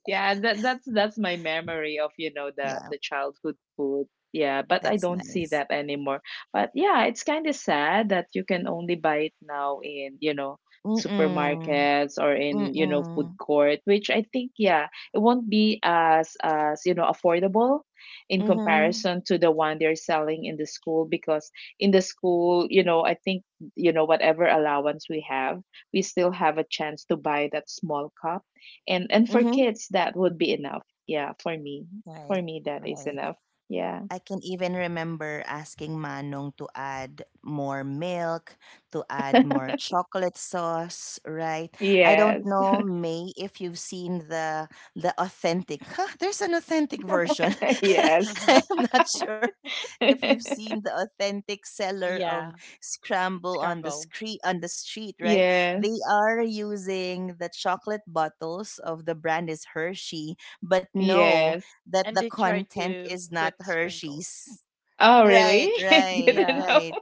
[SPEAKER 2] yeah that's that's my memory of you know
[SPEAKER 1] Yeah,
[SPEAKER 2] the childhood food. Yeah, but I
[SPEAKER 1] that's
[SPEAKER 2] don't see
[SPEAKER 1] nice.
[SPEAKER 2] that anymore, but yeah, it's kind of sad that you can only buy it now in you know
[SPEAKER 1] Mm-mm.
[SPEAKER 2] supermarkets or in you know food
[SPEAKER 1] Mm-mm.
[SPEAKER 2] court, which I think yeah it won't be as you know affordable in
[SPEAKER 1] Mm-hmm.
[SPEAKER 2] comparison to the one they're selling in the school because in the school you know I think you know whatever allowance we have we still have a chance to buy that small cup, and for
[SPEAKER 1] Mm-hmm.
[SPEAKER 2] kids that would be enough, yeah for me, for
[SPEAKER 1] Right.
[SPEAKER 2] me that is
[SPEAKER 1] Right.
[SPEAKER 2] enough. Yeah.
[SPEAKER 1] I can even remember asking Manong to add more milk, to add
[SPEAKER 2] <laughs>
[SPEAKER 1] more chocolate sauce, right? I don't
[SPEAKER 2] Yes.
[SPEAKER 1] know, May, if you've seen the authentic. <laughs> Huh, there's an authentic version.
[SPEAKER 2] <laughs> Yes.
[SPEAKER 1] <laughs>
[SPEAKER 3] <laughs>
[SPEAKER 1] I'm not
[SPEAKER 3] Y-
[SPEAKER 1] sure if you've
[SPEAKER 2] <laughs>
[SPEAKER 1] seen the authentic seller of
[SPEAKER 3] yeah,
[SPEAKER 1] scramble on the
[SPEAKER 3] scramble,
[SPEAKER 1] street, right?
[SPEAKER 2] Yeah.
[SPEAKER 1] They are using the chocolate bottles of the brand is Hershey, but no,
[SPEAKER 2] Yes.
[SPEAKER 1] that the
[SPEAKER 3] and they try
[SPEAKER 1] content
[SPEAKER 3] to
[SPEAKER 1] is not
[SPEAKER 3] put sprinkles.
[SPEAKER 1] Hershey's.
[SPEAKER 2] Oh really?
[SPEAKER 1] Right,
[SPEAKER 3] Y-
[SPEAKER 2] <laughs> I
[SPEAKER 1] right,
[SPEAKER 2] didn't
[SPEAKER 3] yeah.
[SPEAKER 2] know.
[SPEAKER 1] right.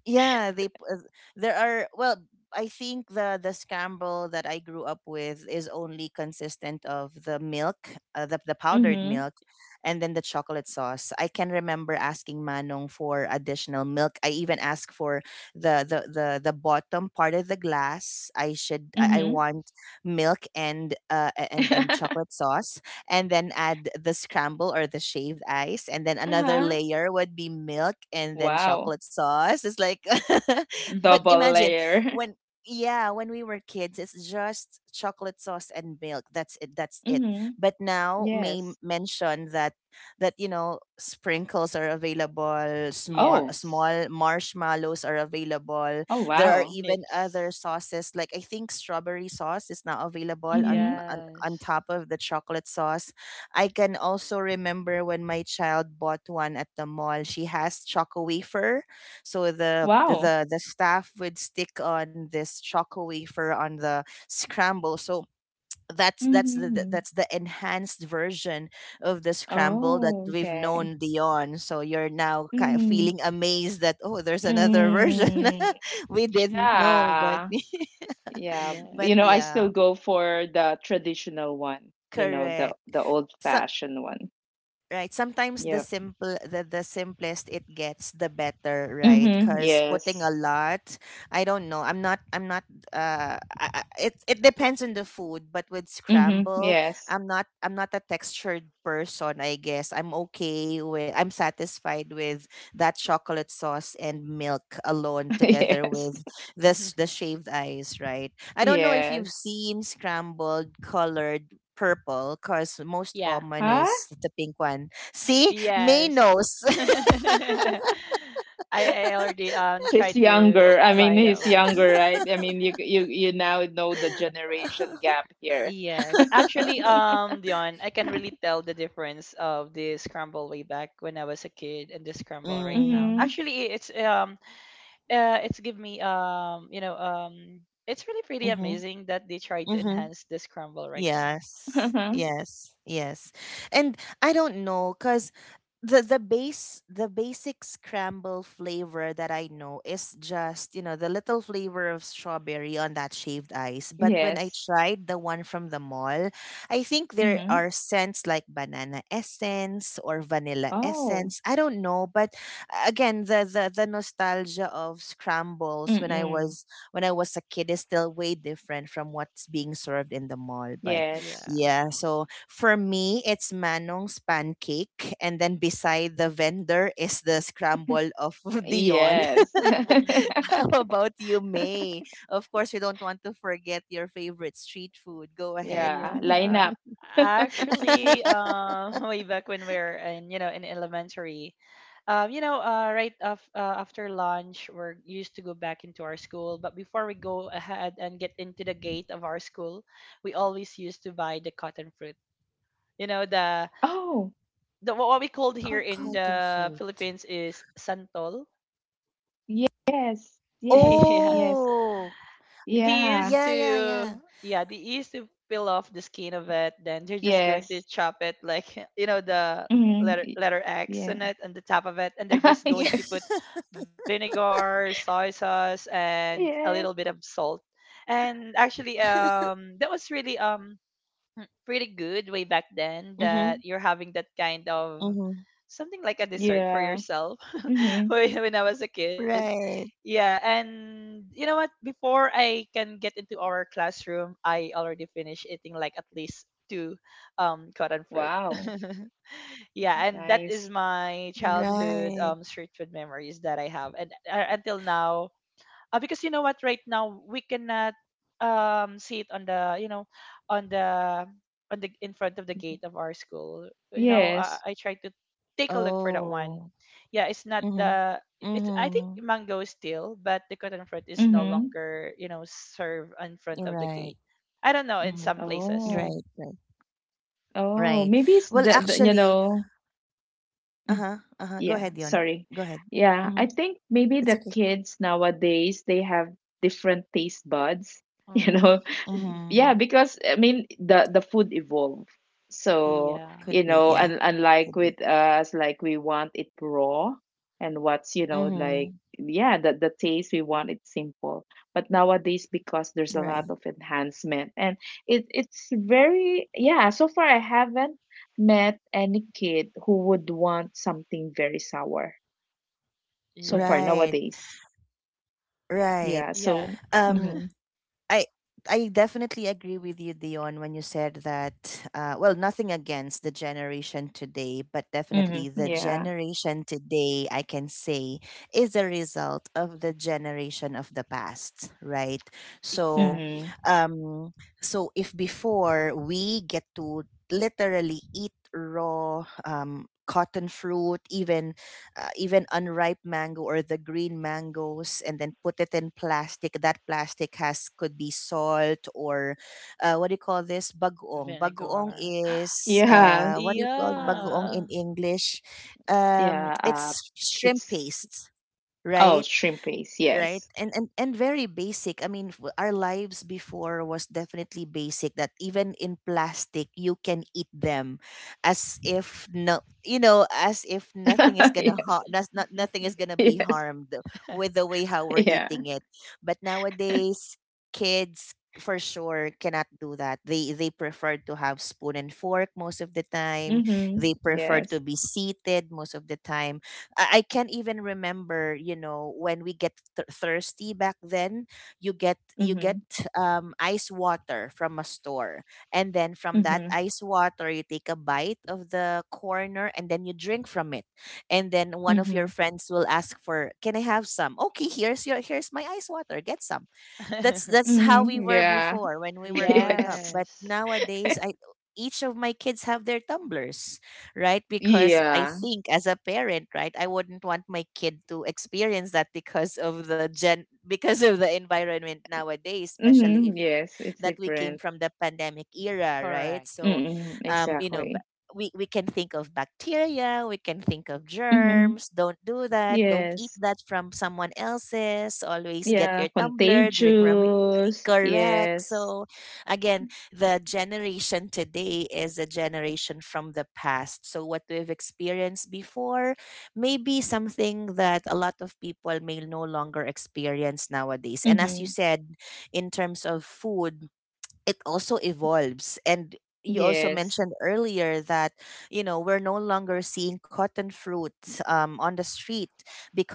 [SPEAKER 1] Yeah, there are I think the scramble that I grew up with is only consistent of the milk, the powdered
[SPEAKER 2] Mhm.
[SPEAKER 1] milk, and then the chocolate sauce. I can remember asking Manong for additional milk. I even asked for the the bottom part of the glass. I
[SPEAKER 2] Mhm.
[SPEAKER 1] want milk and and chocolate
[SPEAKER 2] <laughs>
[SPEAKER 1] sauce, and then add the scramble or the shaved ice, and then another
[SPEAKER 2] Uh-huh.
[SPEAKER 1] layer would be milk and then
[SPEAKER 2] Wow.
[SPEAKER 1] chocolate sauce. It's like <laughs> but
[SPEAKER 2] Double
[SPEAKER 3] <laughs>
[SPEAKER 1] imagine
[SPEAKER 2] layer.
[SPEAKER 1] when yeah, when we were kids it's just chocolate sauce and milk. That's it. That's
[SPEAKER 2] <laughs>
[SPEAKER 1] it.
[SPEAKER 2] Mhm.
[SPEAKER 1] But now May
[SPEAKER 2] Yes.
[SPEAKER 1] mention that sprinkles are available, small
[SPEAKER 2] Oh.
[SPEAKER 3] Yes.
[SPEAKER 1] small marshmallows are available,
[SPEAKER 2] Oh,
[SPEAKER 1] there are
[SPEAKER 2] wow.
[SPEAKER 1] even
[SPEAKER 3] Nips.
[SPEAKER 1] other sauces like I think strawberry sauce is now available
[SPEAKER 2] Mhm.
[SPEAKER 1] on
[SPEAKER 3] Yes.
[SPEAKER 1] top of the chocolate sauce. I can also remember when my child bought one at the mall. She has choco wafer. So the
[SPEAKER 2] Wow.
[SPEAKER 1] the the staff would stick on this choco wafer on the scramble. So that's the-
[SPEAKER 2] Mhm.
[SPEAKER 1] that's the enhanced version of the scramble that
[SPEAKER 2] Oh,
[SPEAKER 1] we've
[SPEAKER 2] okay.
[SPEAKER 1] known beyond. So you're now kind of
[SPEAKER 2] Mhm.
[SPEAKER 1] feeling amazed that oh, there's another version
[SPEAKER 2] Mm.
[SPEAKER 1] <laughs> we didn't know, but
[SPEAKER 2] Yeah. Yeah,
[SPEAKER 1] <laughs> but
[SPEAKER 2] you know, I
[SPEAKER 3] Yes.
[SPEAKER 2] still
[SPEAKER 1] yeah,
[SPEAKER 2] go for the traditional one, you know,
[SPEAKER 1] correct.
[SPEAKER 2] the old
[SPEAKER 1] So.
[SPEAKER 2] fashioned one.
[SPEAKER 1] Right. Sometimes
[SPEAKER 2] Yeah.
[SPEAKER 1] the simplest it gets, the better, right?
[SPEAKER 2] Mm-hmm.
[SPEAKER 1] Because putting a
[SPEAKER 2] Yes.
[SPEAKER 1] lot, I don't know. I'm not I- It it depends on the food, but with
[SPEAKER 2] Mm-hmm.
[SPEAKER 1] scramble,
[SPEAKER 2] Yes.
[SPEAKER 1] I'm not a textured person, I guess. I'm satisfied with that chocolate sauce and milk alone, together
[SPEAKER 2] <laughs> Yes.
[SPEAKER 1] with this the
[SPEAKER 3] <laughs>
[SPEAKER 1] shaved ice, right? I don't know if you've
[SPEAKER 2] Yes.
[SPEAKER 1] seen scrambled colored purple, because most
[SPEAKER 3] Yeah.
[SPEAKER 1] common
[SPEAKER 2] Huh?
[SPEAKER 1] is the pink one. See, May
[SPEAKER 3] Yes.
[SPEAKER 1] knows.
[SPEAKER 3] <laughs> I
[SPEAKER 2] <laughs>
[SPEAKER 3] I already
[SPEAKER 2] He's
[SPEAKER 3] tried to
[SPEAKER 2] younger.
[SPEAKER 3] buy that
[SPEAKER 2] He's
[SPEAKER 3] one.
[SPEAKER 2] younger, right? I mean, you now know the generation gap here.
[SPEAKER 3] Yes. Actually, Dion, I can really tell the difference of the scramble way back when I was a kid and the
[SPEAKER 1] <laughs>
[SPEAKER 3] scramble right now.
[SPEAKER 2] Mm-hmm.
[SPEAKER 1] mm,
[SPEAKER 3] Actually, it's give me you know it's really pretty
[SPEAKER 1] mm-hmm,
[SPEAKER 3] amazing that they tried to
[SPEAKER 1] mm-hmm.
[SPEAKER 3] enhance the scramble right now.
[SPEAKER 1] Yes,
[SPEAKER 2] Uh-huh.
[SPEAKER 1] yes, yes. And I don't know, cause the basic scramble flavor that I know is just, you know, the little flavor of strawberry on that shaved ice. But when I
[SPEAKER 2] Yes.
[SPEAKER 1] tried the one from the mall, I think there
[SPEAKER 2] Mm-hmm.
[SPEAKER 1] are scents like banana essence or vanilla
[SPEAKER 2] Oh.
[SPEAKER 1] essence. I don't know, but again, the nostalgia of scrambles
[SPEAKER 2] Mm-mm.
[SPEAKER 1] when I was a kid is still way different from what's being served in the mall. But
[SPEAKER 2] Yes.
[SPEAKER 3] Yeah.
[SPEAKER 1] yeah, so for me, it's Manong's pancake, and then beside the vendor is the scramble of <laughs> Dion.
[SPEAKER 2] Yes.
[SPEAKER 3] <laughs>
[SPEAKER 1] <laughs> How
[SPEAKER 2] <laughs>
[SPEAKER 1] about you, May? Of course, we don't want to forget your favorite street food. Go ahead.
[SPEAKER 2] Yeah. Line
[SPEAKER 3] Yeah.
[SPEAKER 2] up.
[SPEAKER 3] Actually, <laughs> way back when we were in, you know, in elementary, you know, right af after lunch, we're used to go back into our school. But before we go ahead and get into the gate of our school, we always used to buy the cotton fruit. You know, the
[SPEAKER 2] Oh.
[SPEAKER 3] the what we called here
[SPEAKER 1] Cotton
[SPEAKER 3] in
[SPEAKER 2] Cotton.
[SPEAKER 1] fruit.
[SPEAKER 3] the Philippines is santol. <laughs>
[SPEAKER 2] Yes, yes,
[SPEAKER 3] Yeah.
[SPEAKER 2] yes.
[SPEAKER 1] Oh,
[SPEAKER 3] They
[SPEAKER 2] Yeah,
[SPEAKER 3] used
[SPEAKER 1] yeah, yeah,
[SPEAKER 3] to,
[SPEAKER 1] yeah.
[SPEAKER 3] yeah,
[SPEAKER 1] <laughs>
[SPEAKER 3] they used to peel off the skin of it, then they're just going to
[SPEAKER 2] yes.
[SPEAKER 3] chop it like <laughs> you know the
[SPEAKER 2] Mm,
[SPEAKER 3] letter
[SPEAKER 2] y-
[SPEAKER 3] letter x
[SPEAKER 2] yeah.
[SPEAKER 3] on it on the top of it, and they're
[SPEAKER 2] <laughs>
[SPEAKER 3] just going to
[SPEAKER 2] Yes,
[SPEAKER 3] put
[SPEAKER 1] Yeah.
[SPEAKER 3] vinegar, soy sauce, and a little bit
[SPEAKER 2] yes.
[SPEAKER 3] of salt. And actually that was really pretty good way back then, that
[SPEAKER 1] Mm-hmm,
[SPEAKER 3] you're having that kind of
[SPEAKER 1] mm-hmm.
[SPEAKER 3] something like a dessert for
[SPEAKER 2] Yeah.
[SPEAKER 3] yourself <laughs>
[SPEAKER 2] Mm-hmm.
[SPEAKER 3] when I was a kid.
[SPEAKER 1] Right,
[SPEAKER 3] Yeah, and you know what? Before I can get into our classroom, I already finished eating like at least two cotton fruit.
[SPEAKER 2] Wow.
[SPEAKER 3] <laughs> Yeah, and that
[SPEAKER 2] Nice.
[SPEAKER 3] is my childhood
[SPEAKER 1] right.
[SPEAKER 3] street food memories that I have, and until now, because you know what, right now we cannot see it on the you know on the on the in front of the gate of our school, you know.
[SPEAKER 2] Yes.
[SPEAKER 3] I tried to take a look for that
[SPEAKER 1] Oh.
[SPEAKER 3] one. Yeah, it's not
[SPEAKER 1] Mm-hmm,
[SPEAKER 3] the, it's, I think
[SPEAKER 1] mm-hmm.
[SPEAKER 3] mango is still, but the cotton fruit is no
[SPEAKER 2] Mm-hmm.
[SPEAKER 3] longer, you know, served in front of the gate.
[SPEAKER 1] Right.
[SPEAKER 3] I don't know, in some
[SPEAKER 1] Mm-hmm.
[SPEAKER 3] places.
[SPEAKER 2] Oh.
[SPEAKER 1] Right, right.
[SPEAKER 2] Oh,
[SPEAKER 1] Right.
[SPEAKER 2] maybe it's
[SPEAKER 1] Well,
[SPEAKER 2] the you
[SPEAKER 1] actually,
[SPEAKER 2] know. Mm.
[SPEAKER 1] uh-huh, uh-huh. Go
[SPEAKER 2] Yeah,
[SPEAKER 1] ahead, Dion.
[SPEAKER 2] sorry.
[SPEAKER 1] Go ahead.
[SPEAKER 2] Yeah, I
[SPEAKER 1] Hmm.
[SPEAKER 2] think maybe the
[SPEAKER 1] It's okay.
[SPEAKER 2] kids nowadays they have different taste buds, <laughs> you
[SPEAKER 3] Oh,
[SPEAKER 2] know, yeah
[SPEAKER 1] Mm-hmm.
[SPEAKER 2] because I mean the food evolved, so
[SPEAKER 3] yeah.
[SPEAKER 2] you
[SPEAKER 1] Could
[SPEAKER 2] know
[SPEAKER 1] be,
[SPEAKER 2] and
[SPEAKER 1] yeah,
[SPEAKER 2] unlike
[SPEAKER 1] could
[SPEAKER 2] with
[SPEAKER 1] be.
[SPEAKER 2] us like we want it raw and what's you know like
[SPEAKER 1] Mm-hmm.
[SPEAKER 2] yeah the taste we want it simple but nowadays because there's a lot
[SPEAKER 1] Right,
[SPEAKER 2] of enhancement and it it's very yeah so far I haven't met any kid who would want something very sour so
[SPEAKER 3] Yeah,
[SPEAKER 2] far
[SPEAKER 1] right,
[SPEAKER 2] nowadays.
[SPEAKER 1] right.
[SPEAKER 2] Yeah,
[SPEAKER 3] yeah.
[SPEAKER 2] so mm-hmm,
[SPEAKER 1] Um, I I definitely agree with you, Dion, when you said that. Well, nothing against the generation today, but definitely
[SPEAKER 2] mm-hmm,
[SPEAKER 1] the
[SPEAKER 2] yeah,
[SPEAKER 1] generation today, I can say, is a result of the generation of the past, right? So,
[SPEAKER 3] Exactly.
[SPEAKER 2] mm-hmm,
[SPEAKER 1] um, so if before we get to literally eat raw cotton fruit, even even unripe mango or the green mangoes, and then put it in plastic, that plastic has could be salt or what do you call this, bagoong. Bagoong
[SPEAKER 3] Vinegar.
[SPEAKER 1] is
[SPEAKER 3] <gasps>
[SPEAKER 2] yes,
[SPEAKER 1] what do you call
[SPEAKER 2] uh,
[SPEAKER 1] bagoong
[SPEAKER 3] Yeah.
[SPEAKER 1] in English?
[SPEAKER 2] yeah,
[SPEAKER 1] It's shrimp
[SPEAKER 2] it's
[SPEAKER 1] paste,
[SPEAKER 2] oh,
[SPEAKER 1] right?
[SPEAKER 2] shrimp paste,
[SPEAKER 1] Right.
[SPEAKER 2] yes,
[SPEAKER 1] And very basic. I mean, our lives before was definitely basic, that even in plastic you can eat them as if no, you know, as if nothing is
[SPEAKER 2] <laughs>
[SPEAKER 1] gonna
[SPEAKER 2] yes,
[SPEAKER 1] not, not nothing is gonna be
[SPEAKER 2] yes,
[SPEAKER 1] harmed with the way how we're
[SPEAKER 2] yeah,
[SPEAKER 1] eating it. But nowadays kids for sure cannot do that. They prefer to have spoon and fork most of the time,
[SPEAKER 2] mm-hmm,
[SPEAKER 1] they prefer to
[SPEAKER 2] yes,
[SPEAKER 1] be seated most of the time. I can't even remember, you know, when we get thirsty back then, you
[SPEAKER 2] mm-hmm,
[SPEAKER 1] get ice water from a store. And then from that
[SPEAKER 2] mm-hmm,
[SPEAKER 1] ice water, you take a bite of the corner and then you drink from it. And then one of
[SPEAKER 2] mm-hmm,
[SPEAKER 1] your friends will ask for, "Can I have some?" "Okay, here's your, here's my ice water. Get some." that's
[SPEAKER 3] <laughs>
[SPEAKER 1] that's how we
[SPEAKER 2] mm-hmm,
[SPEAKER 1] were
[SPEAKER 2] yeah,
[SPEAKER 1] before when we
[SPEAKER 2] <laughs>
[SPEAKER 1] were growing up,
[SPEAKER 2] yes,
[SPEAKER 1] but
[SPEAKER 3] Yes,
[SPEAKER 1] nowadays I, each of my kids have their tumblers, right? Because I
[SPEAKER 2] yeah,
[SPEAKER 1] think, as a parent, right, I wouldn't want my kid to experience that because of the gen, because of the environment nowadays, especially if
[SPEAKER 2] mm-hmm, yes, it's
[SPEAKER 1] that we came
[SPEAKER 2] different,
[SPEAKER 1] from the pandemic era, right?
[SPEAKER 3] correct.
[SPEAKER 1] So,
[SPEAKER 2] mm-hmm,
[SPEAKER 1] you know,
[SPEAKER 2] exactly,
[SPEAKER 1] we can think of bacteria, we can think of
[SPEAKER 2] mm-hmm.
[SPEAKER 1] germs. Don't do that. Don't eat
[SPEAKER 2] Yes.
[SPEAKER 1] that from someone else's. Always get
[SPEAKER 2] Yeah,
[SPEAKER 1] your tumbler, drink from it.
[SPEAKER 2] contagious.
[SPEAKER 1] Correct.
[SPEAKER 2] Yes.
[SPEAKER 1] So, again, the generation today is a generation from the past. So, what we've experienced before may be something that a lot of people may no longer experience nowadays. And as you
[SPEAKER 2] Mhm.
[SPEAKER 1] said, in terms of food, it also evolves, and you also
[SPEAKER 2] Yes.
[SPEAKER 1] mentioned earlier that, you know, we're no longer seeing cotton fruit on the street,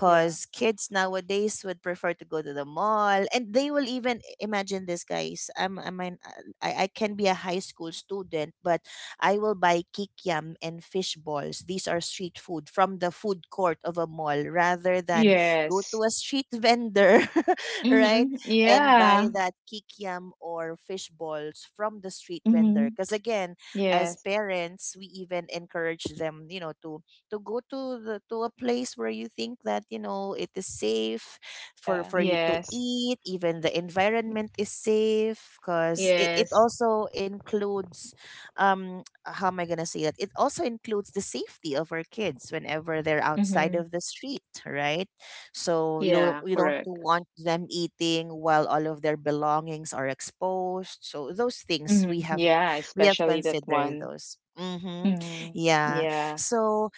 [SPEAKER 3] Yeah.
[SPEAKER 1] kids nowadays would prefer to go to the mall and they will even, imagine this guys, I mean, I can be a high school student, but I will buy kikiam and fish balls. These are street food from the food court of a mall rather than go
[SPEAKER 2] Yes.
[SPEAKER 1] to a street vendor, <laughs> right,
[SPEAKER 2] Mhm.
[SPEAKER 1] and buy
[SPEAKER 2] Yeah.
[SPEAKER 1] that kikiam or fish balls from the street vendor.
[SPEAKER 2] Mhm.
[SPEAKER 1] Because again, as
[SPEAKER 2] Yes.
[SPEAKER 1] parents, we even encourage them, you know, to go to to a place where you think that, you know, it is safe
[SPEAKER 3] Yeah.
[SPEAKER 1] for you to
[SPEAKER 2] Yes.
[SPEAKER 1] eat. Even the environment is safe, because it
[SPEAKER 2] Yes.
[SPEAKER 1] also includes how am I gonna say that? It also includes the safety of our kids whenever they're outside
[SPEAKER 2] Mhm.
[SPEAKER 1] of the street, right? So you don't,
[SPEAKER 2] Yeah,
[SPEAKER 1] you don't
[SPEAKER 2] correct.
[SPEAKER 1] want them eating while all of their belongings are exposed. So those things we
[SPEAKER 2] Mhm.
[SPEAKER 1] have,
[SPEAKER 2] Yeah,
[SPEAKER 1] we have
[SPEAKER 2] especially that
[SPEAKER 1] considered
[SPEAKER 2] one.
[SPEAKER 1] those. Mm-hmm.
[SPEAKER 2] Mhm.
[SPEAKER 1] Yeah.
[SPEAKER 2] Yeah.
[SPEAKER 1] So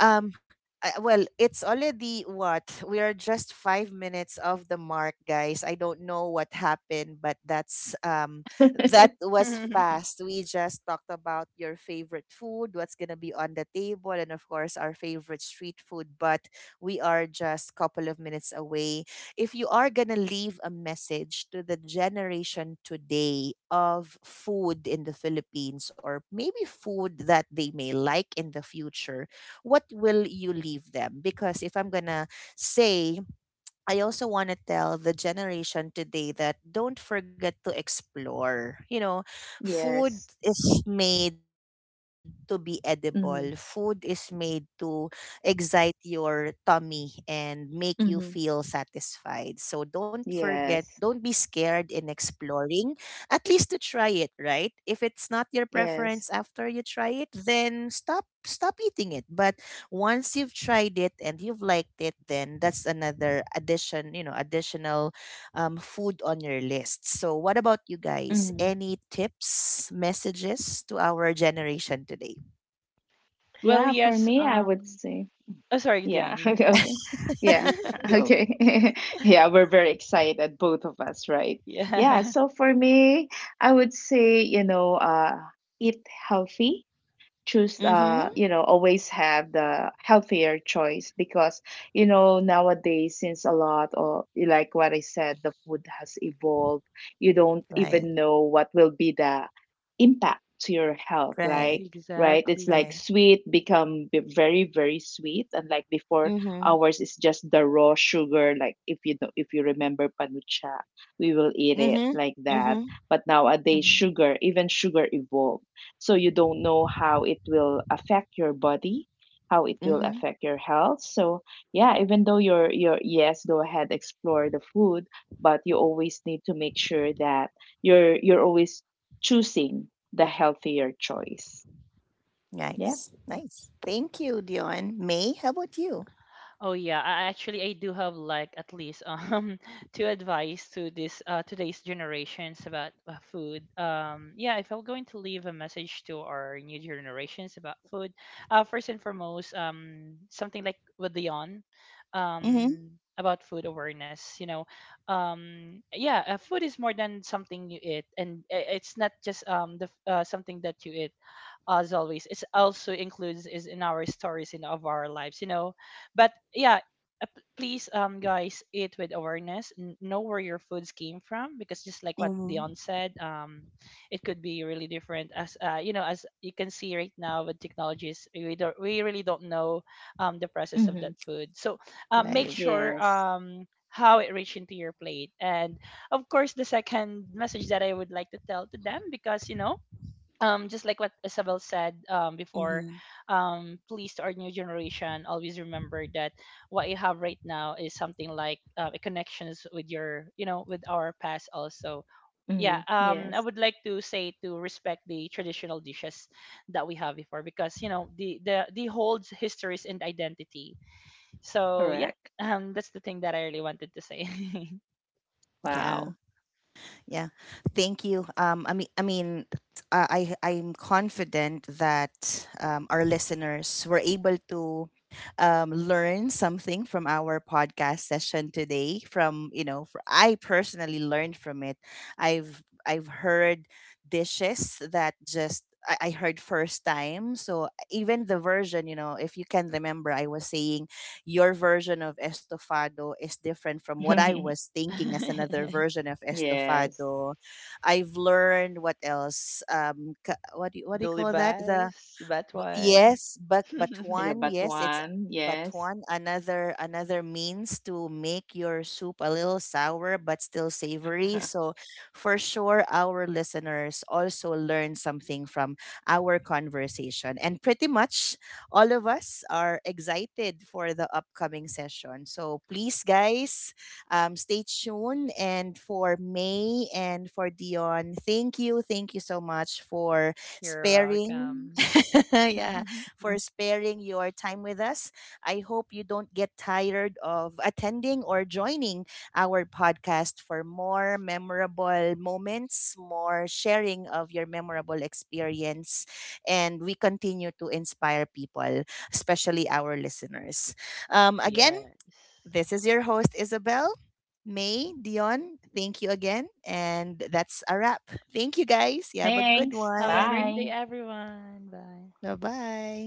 [SPEAKER 1] um I- well, it's already what? We are just 5 minutes of the mark, guys. I don't know what happened, but that's that
[SPEAKER 2] <laughs>
[SPEAKER 1] was
[SPEAKER 3] <laughs>
[SPEAKER 1] fast. We just talked about your favorite food, what's gonna be on the table, and of course our favorite street food. But we are just couple of minutes away. If you are going to leave a message to the generation today of food in the Philippines or maybe food that they may like in the future, what will you leave them? Because if I'm going to say, I also want to tell the generation today that don't forget to explore. You know, food
[SPEAKER 2] Yes.
[SPEAKER 1] is made to be edible. Food is
[SPEAKER 2] Mhm.
[SPEAKER 1] made to excite your tummy and make you feel
[SPEAKER 2] Mhm.
[SPEAKER 1] satisfied. So don't forget, don't be
[SPEAKER 2] Yes.
[SPEAKER 1] scared in exploring, at least to try it, right? If it's not your preference
[SPEAKER 2] Yes.
[SPEAKER 1] after you try it, then stop, stop eating it. But once you've tried it and you've liked it, then that's another addition, you know, additional food on your list. So what about you guys,
[SPEAKER 2] Mhm.
[SPEAKER 1] any tips, messages to our generation today?
[SPEAKER 3] Well,
[SPEAKER 2] Yeah, for
[SPEAKER 3] yes.
[SPEAKER 2] me, I would say
[SPEAKER 3] Oh, sorry,
[SPEAKER 2] yeah.
[SPEAKER 3] Dan.
[SPEAKER 2] <laughs> Okay. Okay. Yeah.
[SPEAKER 3] <laughs>
[SPEAKER 2] <laughs>
[SPEAKER 1] Go.
[SPEAKER 2] Okay. <laughs> Yeah, we're very excited, both of us, right? Yeah.
[SPEAKER 3] Yeah. <laughs>
[SPEAKER 2] So for me, I would say, you know, eat healthy, choose
[SPEAKER 1] Mm-hmm.
[SPEAKER 2] you know, always have the healthier choice because you know nowadays since a lot of like what I said the food has evolved, you don't
[SPEAKER 1] Right,
[SPEAKER 2] even know what will be the impact to your health,
[SPEAKER 1] right,
[SPEAKER 2] like right it's
[SPEAKER 1] right.
[SPEAKER 2] like
[SPEAKER 3] Exactly.
[SPEAKER 2] sweet become very very sweet, and like before
[SPEAKER 1] Mm-hmm.
[SPEAKER 2] ours is just the raw sugar, like if you know if you remember panucha, we will eat it
[SPEAKER 1] Mm-hmm.
[SPEAKER 2] like that.
[SPEAKER 1] Mm-hmm.
[SPEAKER 2] But nowadays
[SPEAKER 1] Mm-hmm.
[SPEAKER 2] sugar, even sugar evolved, so you don't know how it will affect your body, how it will
[SPEAKER 1] Mm-hmm.
[SPEAKER 2] affect your health. So yeah, even though you're yes, go ahead, explore the food, but you always need to make sure that you're always choosing the healthier choice. Yeah.
[SPEAKER 1] Nice, nice. Thank you, Dion. May, how about you?
[SPEAKER 3] Oh yeah, I actually I do have like at least <laughs> two advice to this today's generations about food. Yeah, if I'm going to leave a message to our new generations about food, uh, first and foremost, something like with Leon,
[SPEAKER 1] Mm-hmm.
[SPEAKER 3] um, about food awareness, you know. Yeah, food is more than something you eat, and it's not just something that you eat, as always. It's also includes is in our stories in of our lives, you know. But yeah, please, guys, eat with awareness. Know where your foods came from, because just like what Dion
[SPEAKER 1] Mm-hmm.
[SPEAKER 3] said, it could be really different. As you know, as you can see right now with technologies, we really don't know the process of
[SPEAKER 2] Mm-hmm.
[SPEAKER 3] that food. So, make
[SPEAKER 1] Right.
[SPEAKER 3] sure
[SPEAKER 2] Yes.
[SPEAKER 3] how it reached into your plate. And of course, the second message that I would like to tell to them, because you know, just like what Isabel said before,
[SPEAKER 1] Mm-hmm.
[SPEAKER 3] please, to our new generation, always remember that what you have right now is something like a connections with your, you know, with our past also. Yeah,
[SPEAKER 2] Mm-hmm.
[SPEAKER 3] I
[SPEAKER 2] Yes.
[SPEAKER 3] would like to say to respect the traditional dishes that we have before, because you know the holds histories and identity. So yeah,
[SPEAKER 2] Correct.
[SPEAKER 3] that's the thing that I really wanted to say.
[SPEAKER 2] Wow.
[SPEAKER 1] Yeah. Yeah, thank you. I'm confident that our listeners were able to learn something from our podcast session today. From, you know, fr I personally learned from it. I've heard dishes that just I heard first time. So even the version, you know, if you can remember, I was saying your version of estofado is different from
[SPEAKER 2] <laughs>
[SPEAKER 1] what I was thinking as
[SPEAKER 3] <laughs>
[SPEAKER 1] another version of
[SPEAKER 2] Yes.
[SPEAKER 1] estofado. I've learned what else? What do you, what do
[SPEAKER 3] The
[SPEAKER 1] you call that? The,
[SPEAKER 3] libas, that one.
[SPEAKER 1] Yes, but
[SPEAKER 3] <laughs>
[SPEAKER 2] The
[SPEAKER 1] one, yes, it's
[SPEAKER 2] batuan.
[SPEAKER 1] but
[SPEAKER 2] Yes.
[SPEAKER 1] one, another, another means to make your soup a little sour but still savory. So for sure our listeners also learn something from our conversation. And pretty much all of us are excited for the upcoming session. So please guys, stay tuned, and for May and for Dion, thank you so much for
[SPEAKER 3] You're
[SPEAKER 1] sparing
[SPEAKER 3] welcome.
[SPEAKER 1] <laughs> yeah,
[SPEAKER 3] <laughs>
[SPEAKER 1] for
[SPEAKER 2] <laughs>
[SPEAKER 1] sparing your time with us. I hope you don't get tired of attending or joining our podcast for more memorable moments, more sharing of your memorable experience, and we continue to inspire people, especially our listeners. Again,
[SPEAKER 3] Yes.
[SPEAKER 1] this is your host, Isabel. May, Dion, thank you again. And that's a wrap. Thank you guys. You have a good
[SPEAKER 2] Thanks.
[SPEAKER 3] Have a
[SPEAKER 1] one.
[SPEAKER 3] great
[SPEAKER 2] Bye.
[SPEAKER 3] day, everyone. Bye.
[SPEAKER 1] Bye bye.